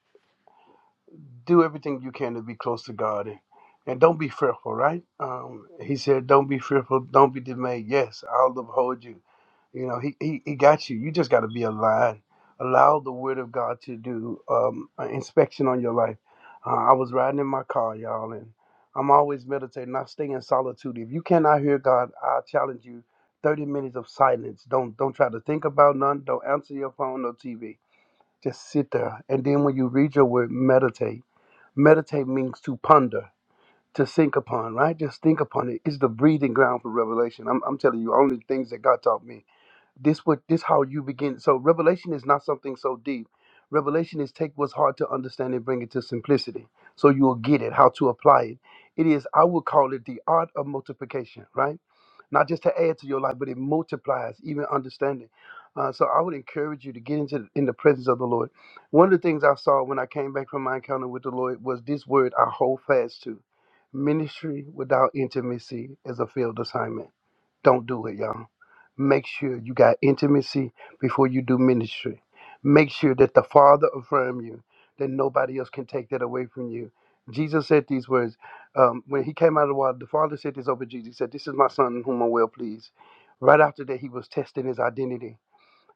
S6: do everything you can to be close to God, and, and don't be fearful. Right? Um, he said, "Don't be fearful. Don't be dismayed. Yes, I'll uphold you." You know, he, he, he got you. You just got to be aligned. Allow the word of God to do um, an inspection on your life. Uh, I was riding in my car, y'all, and I'm always meditating. I stay in solitude. If you cannot hear God, I challenge you. 30 minutes of silence. Don't don't try to think about none. Don't answer your phone or TV. Just sit there. And then when you read your word, meditate. Meditate means to ponder, to think upon, right? Just think upon it. It's the breathing ground for revelation. I'm, I'm telling you, only things that God taught me this what this how you begin so revelation is not something so deep revelation is take what's hard to understand and bring it to simplicity so you will get it how to apply it it is i would call it the art of multiplication right not just to add to your life but it multiplies even understanding uh, so i would encourage you to get into in the presence of the lord one of the things i saw when i came back from my encounter with the lord was this word i hold fast to ministry without intimacy is a failed assignment don't do it y'all Make sure you got intimacy before you do ministry. Make sure that the Father affirm you, that nobody else can take that away from you. Jesus said these words um, when he came out of the water. The Father said this over Jesus. He said, "This is my Son, in whom I'm well pleased." Right after that, he was testing his identity.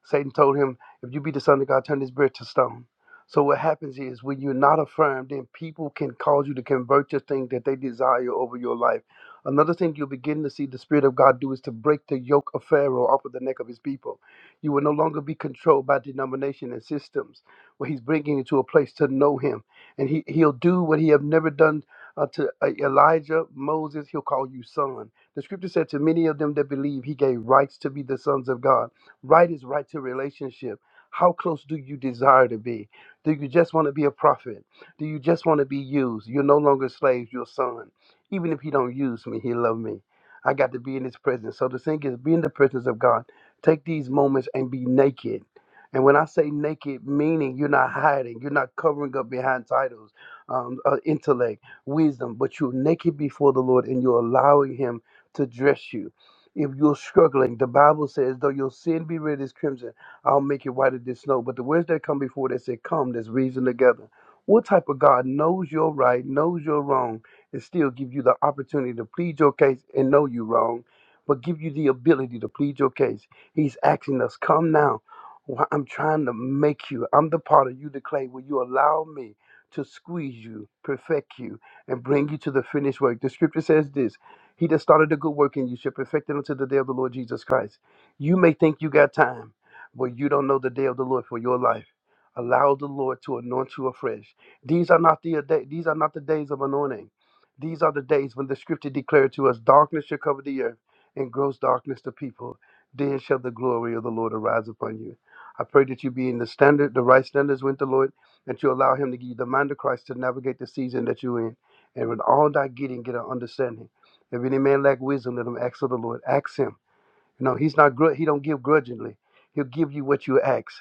S6: Satan told him, If you be the Son of God, turn this bread to stone. So what happens is when you're not affirmed, then people can cause you to convert your thing that they desire over your life. Another thing you'll begin to see the Spirit of God do is to break the yoke of Pharaoh off of the neck of his people. You will no longer be controlled by denomination and systems, where he's bringing you to a place to know him. And he, he'll do what he have never done uh, to uh, Elijah, Moses, he'll call you son. The scripture said to many of them that believe, he gave rights to be the sons of God. Right is right to relationship. How close do you desire to be? Do you just want to be a prophet? Do you just want to be used? You're no longer slaves, you're a son. Even if he don't use me, he love me. I got to be in his presence. So the thing is, be in the presence of God. Take these moments and be naked. And when I say naked, meaning you're not hiding, you're not covering up behind titles, um, uh, intellect, wisdom, but you're naked before the Lord and you're allowing him to dress you if you're struggling, the Bible says, though your sin be red as crimson, I'll make it white as the snow. But the words that come before that say, come, let's reason together. What type of God knows your right, knows your wrong, and still give you the opportunity to plead your case and know you wrong, but give you the ability to plead your case? He's asking us, come now. Why- I'm trying to make you. I'm the part of you to clay. Will you allow me to squeeze you, perfect you, and bring you to the finished work? The scripture says this He that started a good work in you shall perfected until the day of the Lord Jesus Christ. You may think you got time, but you don't know the day of the Lord for your life. Allow the Lord to anoint you afresh. These are not the day, these are not the days of anointing. These are the days when the scripture declared to us, darkness shall cover the earth and gross darkness the people. Then shall the glory of the Lord arise upon you. I pray that you be in the standard, the right standards with the Lord, and you allow him to give you the mind of Christ to navigate the season that you're in. And with all thy getting, get an understanding. If any man lack wisdom, let him ask of the Lord. Ask him. You know, he's not grud. he don't give grudgingly. He'll give you what you ask.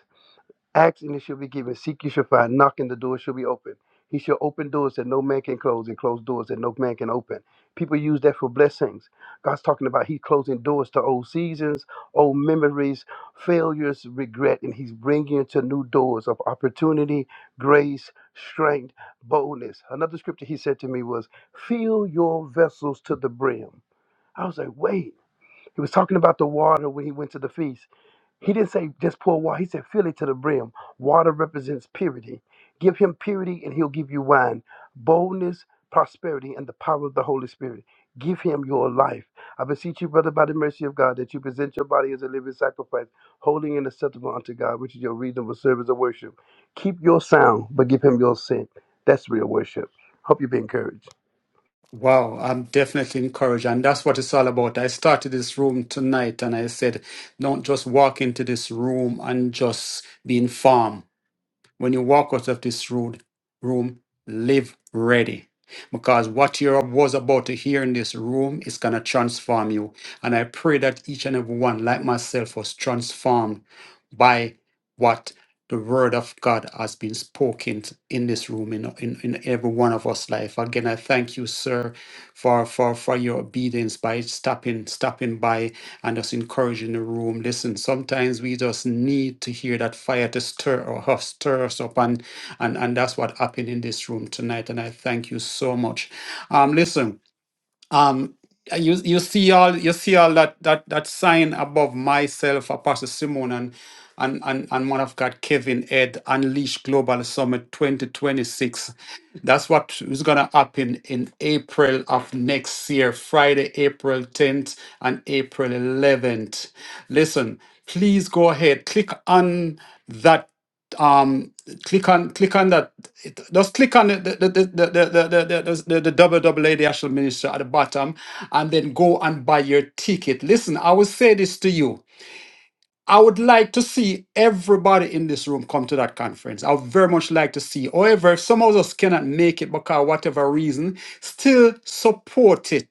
S6: Ask and it shall be given. Seek you shall find. Knocking the door shall be open. He shall open doors that no man can close and close doors that no man can open. People use that for blessings. God's talking about He's closing doors to old seasons, old memories, failures, regret, and He's bringing you to new doors of opportunity, grace, strength, boldness. Another scripture He said to me was, Fill your vessels to the brim. I was like, Wait. He was talking about the water when He went to the feast. He didn't say just pour water. He said fill it to the brim. Water represents purity. Give him purity and he'll give you wine, boldness, prosperity, and the power of the Holy Spirit. Give him your life. I beseech you, brother, by the mercy of God, that you present your body as a living sacrifice, holy and acceptable unto God, which is your reasonable service of worship. Keep your sound, but give him your sin. That's real worship. Hope you be encouraged.
S3: Wow, I'm definitely encouraged, and that's what it's all about. I started this room tonight, and I said, don't just walk into this room and just be informed. When you walk out of this road, room, live ready. Because what you was about to hear in this room is going to transform you. And I pray that each and every one, like myself, was transformed by what the word of God has been spoken t- in this room, in, in, in every one of us life. Again, I thank you, sir, for, for, for your obedience by stopping, stopping by and just encouraging the room. Listen, sometimes we just need to hear that fire to stir or us, stir us up. And, and, and that's what happened in this room tonight. And I thank you so much. Um, listen, um, uh, you you see all you see all that that that sign above myself, Apostle Simon, and and and, and one of God, Kevin Ed, Unleash Global Summit 2026. That's what is gonna happen in April of next year, Friday, April 10th and April 11th. Listen, please go ahead, click on that um click on click on that it- just click on the the the the the the, the, the, the WWA the National Minister at the bottom and then go and buy your ticket. Listen, I will say this to you. I would like to see everybody in this room come to that conference. I would very much like to see. However, if some of us cannot make it because of whatever reason, still support it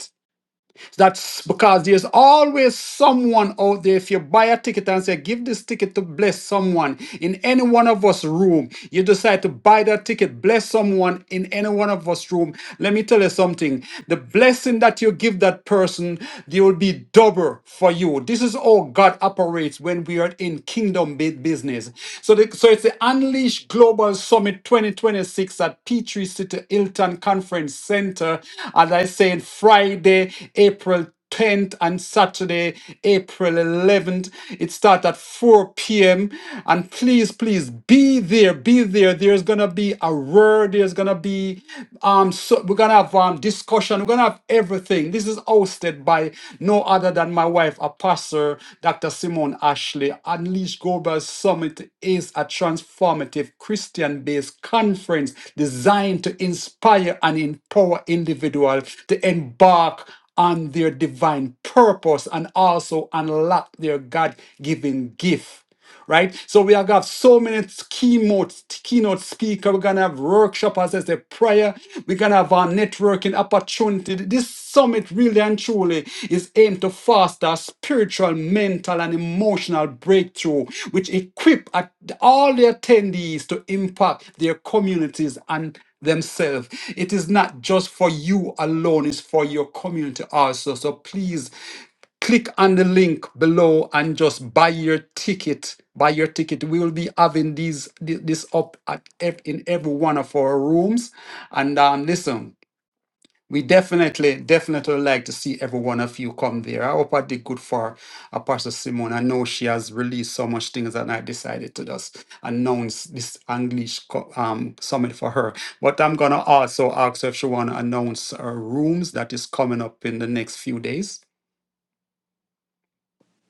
S3: that's because there's always someone out there. If you buy a ticket and say, give this ticket to bless someone in any one of us room, you decide to buy that ticket, bless someone in any one of us room. Let me tell you something. The blessing that you give that person, they will be double for you. This is how God operates when we are in kingdom bu- business. So, the, so it's the unleash English Global Summit 2026 at Petrie City Hilton Conference Center. As I said, Friday, April 10th and Saturday, April 11th. It starts at 4 p.m. And please, please be there. Be there. There's going to be a word. There's going to be, um, so we're going to have um, discussion. We're going to have everything. This is hosted by no other than my wife, a pastor, Dr. Simone Ashley. Unleash Global Summit is a transformative Christian based conference designed to inspire and empower individuals to embark on their divine purpose and also unlock their God given gift right? So we are gonna have so many keynote keynote speaker. We're gonna have workshop as I said, prayer. We're gonna have our networking opportunity. This summit really and truly is aimed to foster spiritual, mental, and emotional breakthrough, which equip at- all the attendees to impact their communities and themselves. It is not just for you alone, it's for your community also. So please click on the link below and just buy your ticket buy your ticket we will be having these thi- this up at ev- in every one of our rooms and um listen we definitely definitely like to see every one of you come there i hope i did good for apostle simone i know she has released so much things and i decided to just announce this english co- um, summit for her but i'm gonna also ask her if she want to announce her rooms that is coming up in the next few days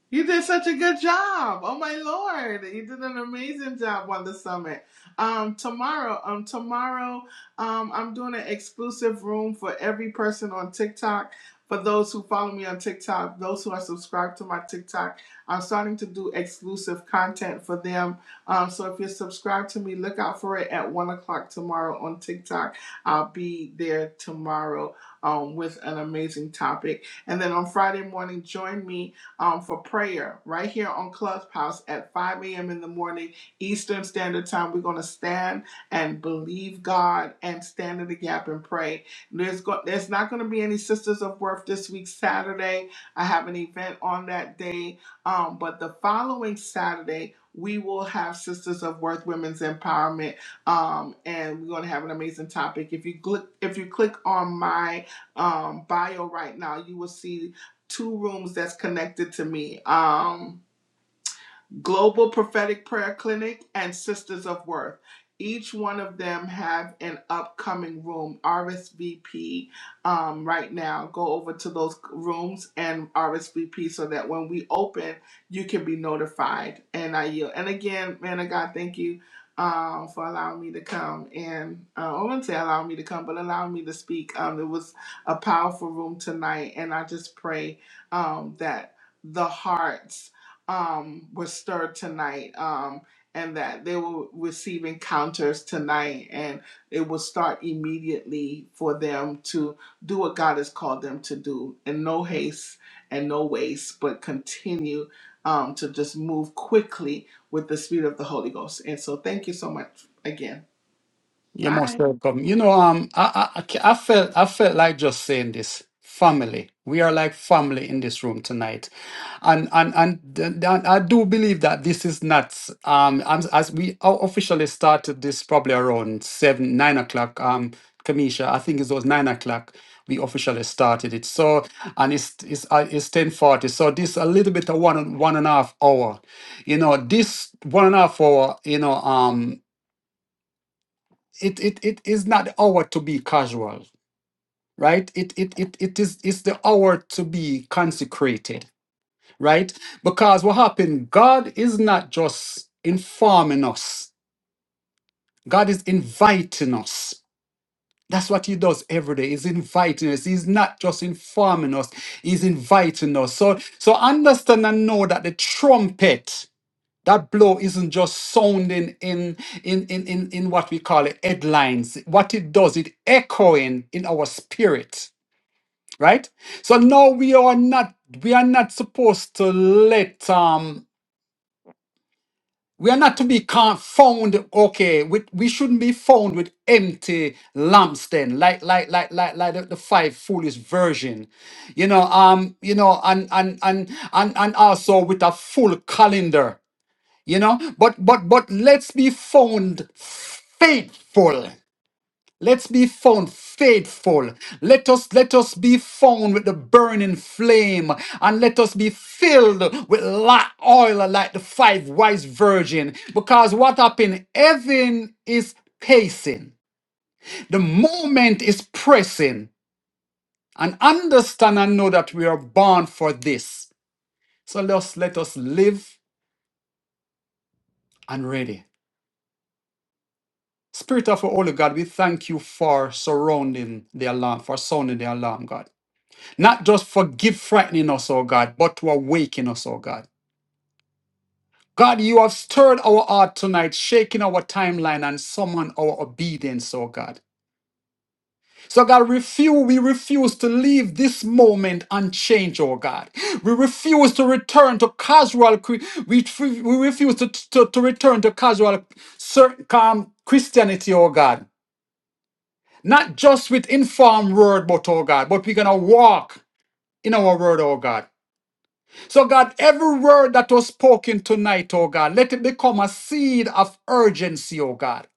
S4: You did such a good job. Oh my lord, you did an amazing job on the summit. Um, tomorrow, um, tomorrow, um, I'm doing an exclusive room for every person on TikTok. For those who follow me on TikTok, those who are subscribed to my TikTok, I'm starting to do exclusive content for them. Um, so if you're subscribed to me, look out for it at one o'clock tomorrow on TikTok. I'll be there tomorrow um, with an amazing topic. And then on Friday morning, join me um, for prayer right here on Clubhouse at 5 a.m. in the morning Eastern Standard Time. We're going to stand and believe God and stand in the gap and pray. There's go- there's not going to be any Sisters of Worth this week Saturday. I have an event on that day, um, but the following Saturday. We will have Sisters of Worth Women's Empowerment, um, and we're going to have an amazing topic. If you click, if you click on my um, bio right now, you will see two rooms that's connected to me. Um, Global Prophetic Prayer Clinic, and Sisters of Worth. Each one of them have an upcoming room RSVP um, right now. Go over to those rooms and RSVP so that when we open, you can be notified. And I yield. And again, man of God, thank you um, for allowing me to come. And uh, I wouldn't say allowing me to come, but allowing me to speak. Um, it was a powerful room tonight, and I just pray um, that. The hearts um was stirred tonight um and that they will receive encounters tonight and it will start immediately for them to do what god has called them to do in no haste and no waste but continue um to just move quickly with the speed of the holy ghost and so thank you so much again
S3: You're
S4: bye
S3: most welcome. You know, um, I, I, I ca- I felt, I felt like just saying this. Family, we are like family in this room tonight, and and and, th- th- I do believe that this is not um as, as we o- officially started this probably around seven nine o'clock um Kamisha I think it was nine o'clock we officially started it so and it's it's uh, it's ten forty so this a little bit of one and- one and a half hour, you know this one and a half hour you know um it it it is not the hour to be casual right it it it, it is it's the hour to be consecrated right because what happened god is not just informing us god is inviting us that's what he does every day he's inviting us he's not just informing us he's inviting us so so understand and know that the trumpet That blow isn't just sounding in, in, in, in, in what we call it headlines. What it does, it echoing in our spirit, right? So no, we are not we are not supposed to let um we are not to be con- found okay with we shouldn't be found with empty lampstand like like like like like the, the five foolish version you know um you know and and and and and also with a full calendar you know but but but let's be found faithful let's be found faithful let us let us be found with the burning flame and let us be filled with li- oil like the five wise virgin because what happened heaven is pacing the moment is pressing and understand and know that we are born for this so let us let us live and ready Spirit of our Holy God, we thank you for surrounding the alarm, for sounding the alarm, God. Not just forgive frightening us, oh God, but to awaken us, oh God. God, you have stirred our heart tonight, shaking our timeline and summon our obedience, oh God. So God, refuse, we refuse to leave this moment unchanged, oh God. We refuse to return to casual, cre- we, we refuse to, to, to return to casual, certain, calm Christianity, oh God. Not just with informed word, but oh God, but we're gonna walk in our word, oh God. So God, every word that was spoken tonight, oh God, let it become a seed of urgency, oh God.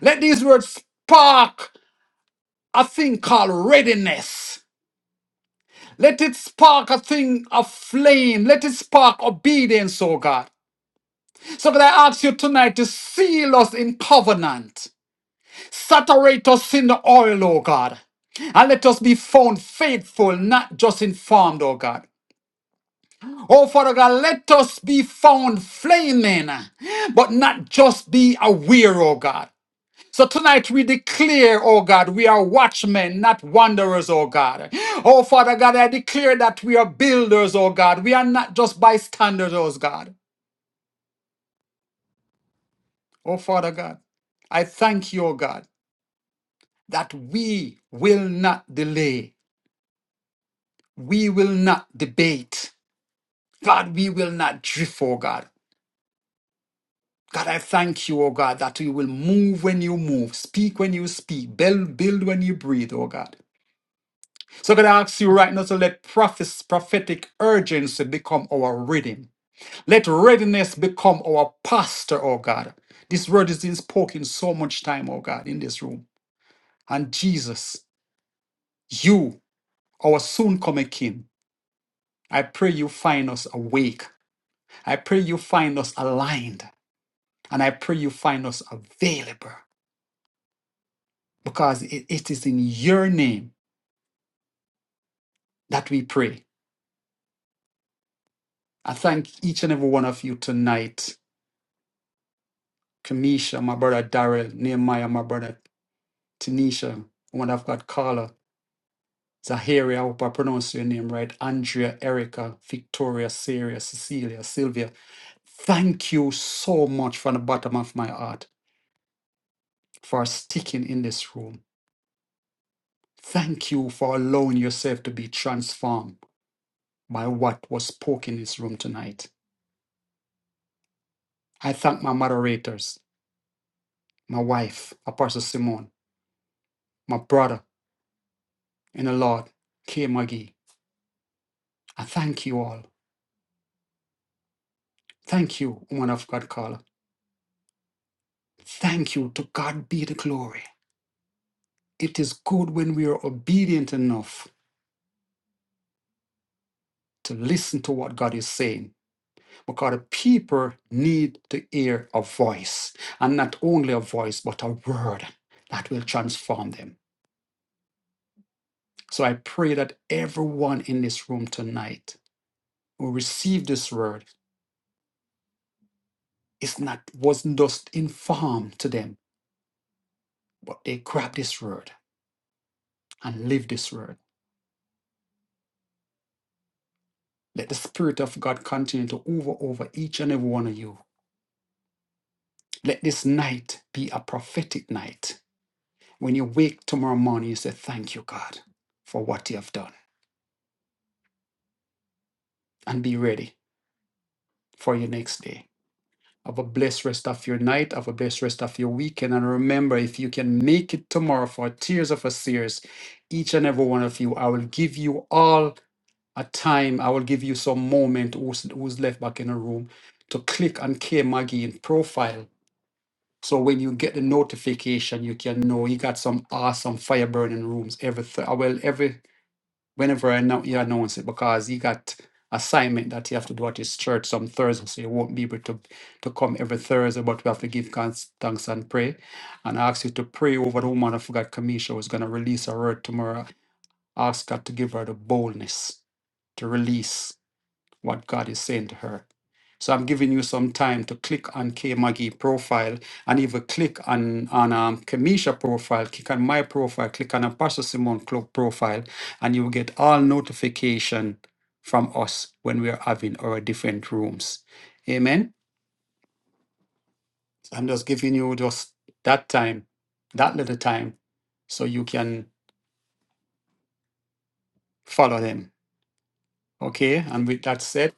S3: Let these words spark a thing called readiness. Let it spark a thing of flame. Let it spark obedience, oh God. So God, I ask you tonight to seal us in covenant. Saturate us in the oil, oh God. And let us be found faithful, not just informed, oh God. Oh Father God, let us be found flaming, but not just be aware, oh God. So tonight we declare, oh God, we are watchmen, not wanderers, oh God. Oh Father God, I declare that we are builders, oh God. We are not just bystanders, oh God. Oh Father God, I thank you, oh God, that we will not delay. We will not debate. God, we will not drift, oh God. God, I thank you, oh God, that you will move when you move, speak when you speak, build, build when you breathe, oh God. So God, I ask you right now to let prophes- prophetic urgency become our rhythm. Let readiness become our pastor, oh God. This word is being spoken so much time, oh God, in this room. And Jesus, you, our soon coming King, I pray you find us awake. I pray you find us aligned. And I pray you find us available because it, it is in your name that we pray. I thank each and every one of you tonight. Kamisha, my brother Daryl, Nehemiah, my brother Tanisha, one of God, Carla, Zaharia, I hope I pronounced your name right, Andrea, Erica, Victoria, Sarah, Cecilia, Sylvia. Thank you so much from the bottom of my heart for sticking in this room. Thank you for allowing yourself to be transformed. by what was spoken in this room tonight. I thank my moderators, my wife, Apostle Simone, my brother in the Lord, Kay McGee. I thank you all. Thank you, woman of God caller. Thank you. To God be the glory. It is good when we are obedient enough to listen to what God is saying because the people need to hear a voice and not only a voice, but a word that will transform them. So I pray that everyone in this room tonight who received this word is not wasn't just informed to them, but they grabbed this word and lived this word. Let the Spirit of God continue to over over each and every one of you. Let this night be a prophetic night. When you wake tomorrow morning, you say, Thank you, God, for what you have done. And be ready for your next day. Have a blessed rest of your night. Have a blessed rest of your weekend. And remember, if you can make it tomorrow for Tears of a Series, each and every one of you, I will give you all At time. I will give you some moment who's, who's left back in the room to click on K Maggie in profile. So when you get the notification, you can know you got some awesome fire burning rooms every th- uh, well every whenever I know you announce it because he got assignment that you have to do at his church some Thursday, so you won't be able to to come every Thursday, but we have to give thanks, thanks and pray. And I ask you to pray over the woman. I forgot Kamisha was gonna release her word tomorrow. Ask God to give her the boldness to release what God is saying to her. So I'm giving you some time to click on K Maggie profile and even click on on um, Kamisha profile, click on my profile, click on Apostle Simone Cloak profile, and you will get all notification from us when we are having our different rooms. Amen. So I'm just giving you just that time, that little time, so you can follow them. Okay. And with that said,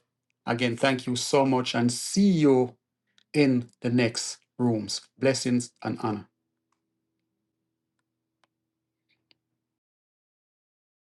S3: again, thank you so much and see you in the next rooms. Blessings and honor.